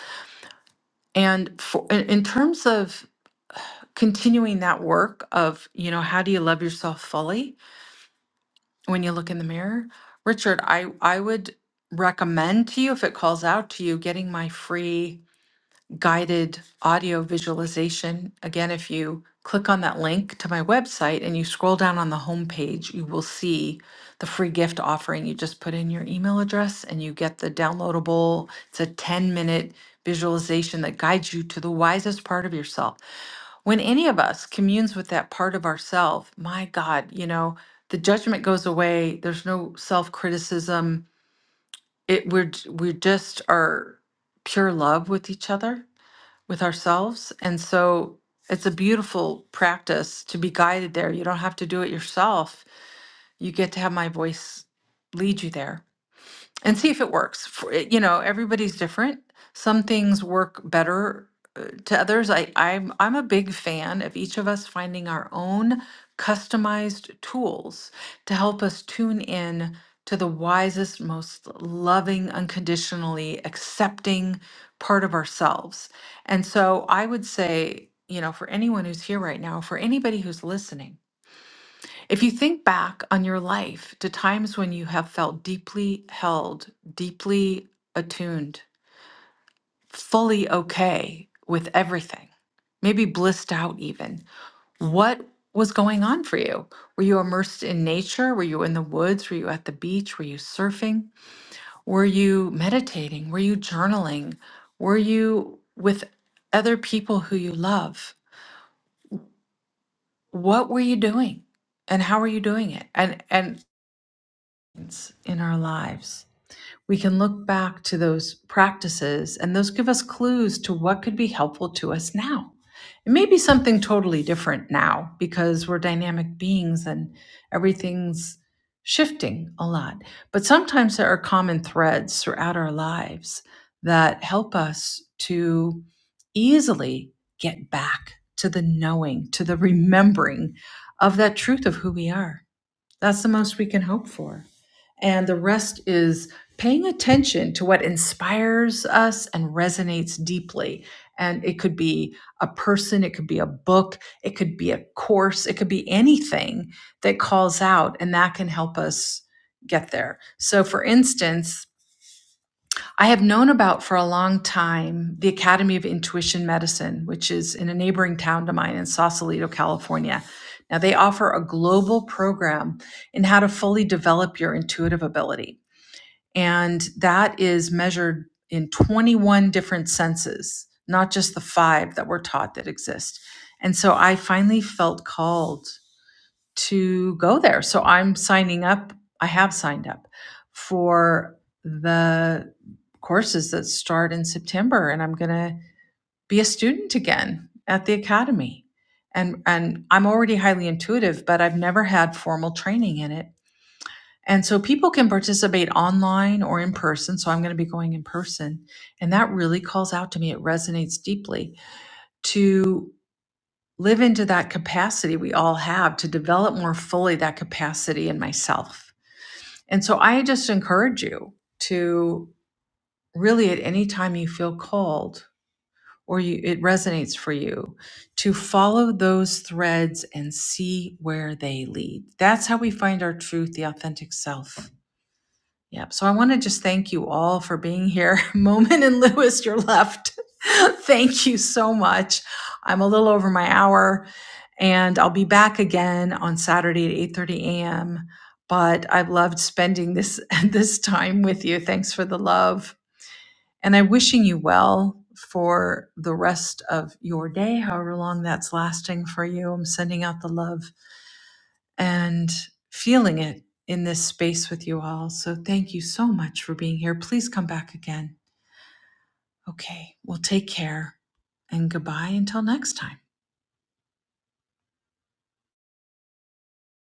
And for in in terms of continuing that work of, you know, how do you love yourself fully when you look in the mirror? Richard, I I would recommend to you if it calls out to you getting my free guided audio visualization. Again, if you click on that link to my website and you scroll down on the homepage, you will see the free gift offering. You just put in your email address and you get the downloadable. It's a 10 minute visualization that guides you to the wisest part of yourself. When any of us communes with that part of ourself, my God, you know, the judgment goes away. There's no self criticism. It we're j- we just are pure love with each other with ourselves. And so it's a beautiful practice to be guided there. You don't have to do it yourself. You get to have my voice lead you there and see if it works. For, you know, everybody's different. Some things work better uh, to others. I, I'm I'm a big fan of each of us finding our own customized tools to help us tune in to the wisest, most loving, unconditionally accepting part of ourselves. And so I would say, you know, for anyone who's here right now, for anybody who's listening, if you think back on your life to times when you have felt deeply held, deeply attuned, fully okay with everything, maybe blissed out even, what was going on for you? Were you immersed in nature? Were you in the woods? Were you at the beach? Were you surfing? Were you meditating? Were you journaling? Were you with other people who you love? What were you doing? And how are you doing it? And and it's in our lives. we can look back to those practices and those give us clues to what could be helpful to us now. It may be something totally different now because we're dynamic beings and everything's shifting a lot. But sometimes there are common threads throughout our lives that help us to easily get back to the knowing, to the remembering of that truth of who we are. That's the most we can hope for. And the rest is paying attention to what inspires us and resonates deeply. And it could be a person, it could be a book, it could be a course, it could be anything that calls out, and that can help us get there. So, for instance, I have known about for a long time the Academy of Intuition Medicine, which is in a neighboring town to mine in Sausalito, California. Now, they offer a global program in how to fully develop your intuitive ability. And that is measured in 21 different senses, not just the five that we're taught that exist. And so I finally felt called to go there. So I'm signing up. I have signed up for the courses that start in September and I'm going to be a student again at the academy. And and I'm already highly intuitive, but I've never had formal training in it. And so people can participate online or in person. So I'm going to be going in person. And that really calls out to me. It resonates deeply to live into that capacity we all have to develop more fully that capacity in myself. And so I just encourage you to really at any time you feel called or you, it resonates for you to follow those threads and see where they lead. That's how we find our truth, the authentic self. Yep. So I want to just thank you all for being here. Moment and Lewis, you're left. thank you so much. I'm a little over my hour and I'll be back again on Saturday at 8:30 a.m. But I've loved spending this this time with you. Thanks for the love. And I'm wishing you well for the rest of your day, however long that's lasting for you. I'm sending out the love and feeling it in this space with you all. So thank you so much for being here. Please come back again. Okay, well, take care and goodbye until next time.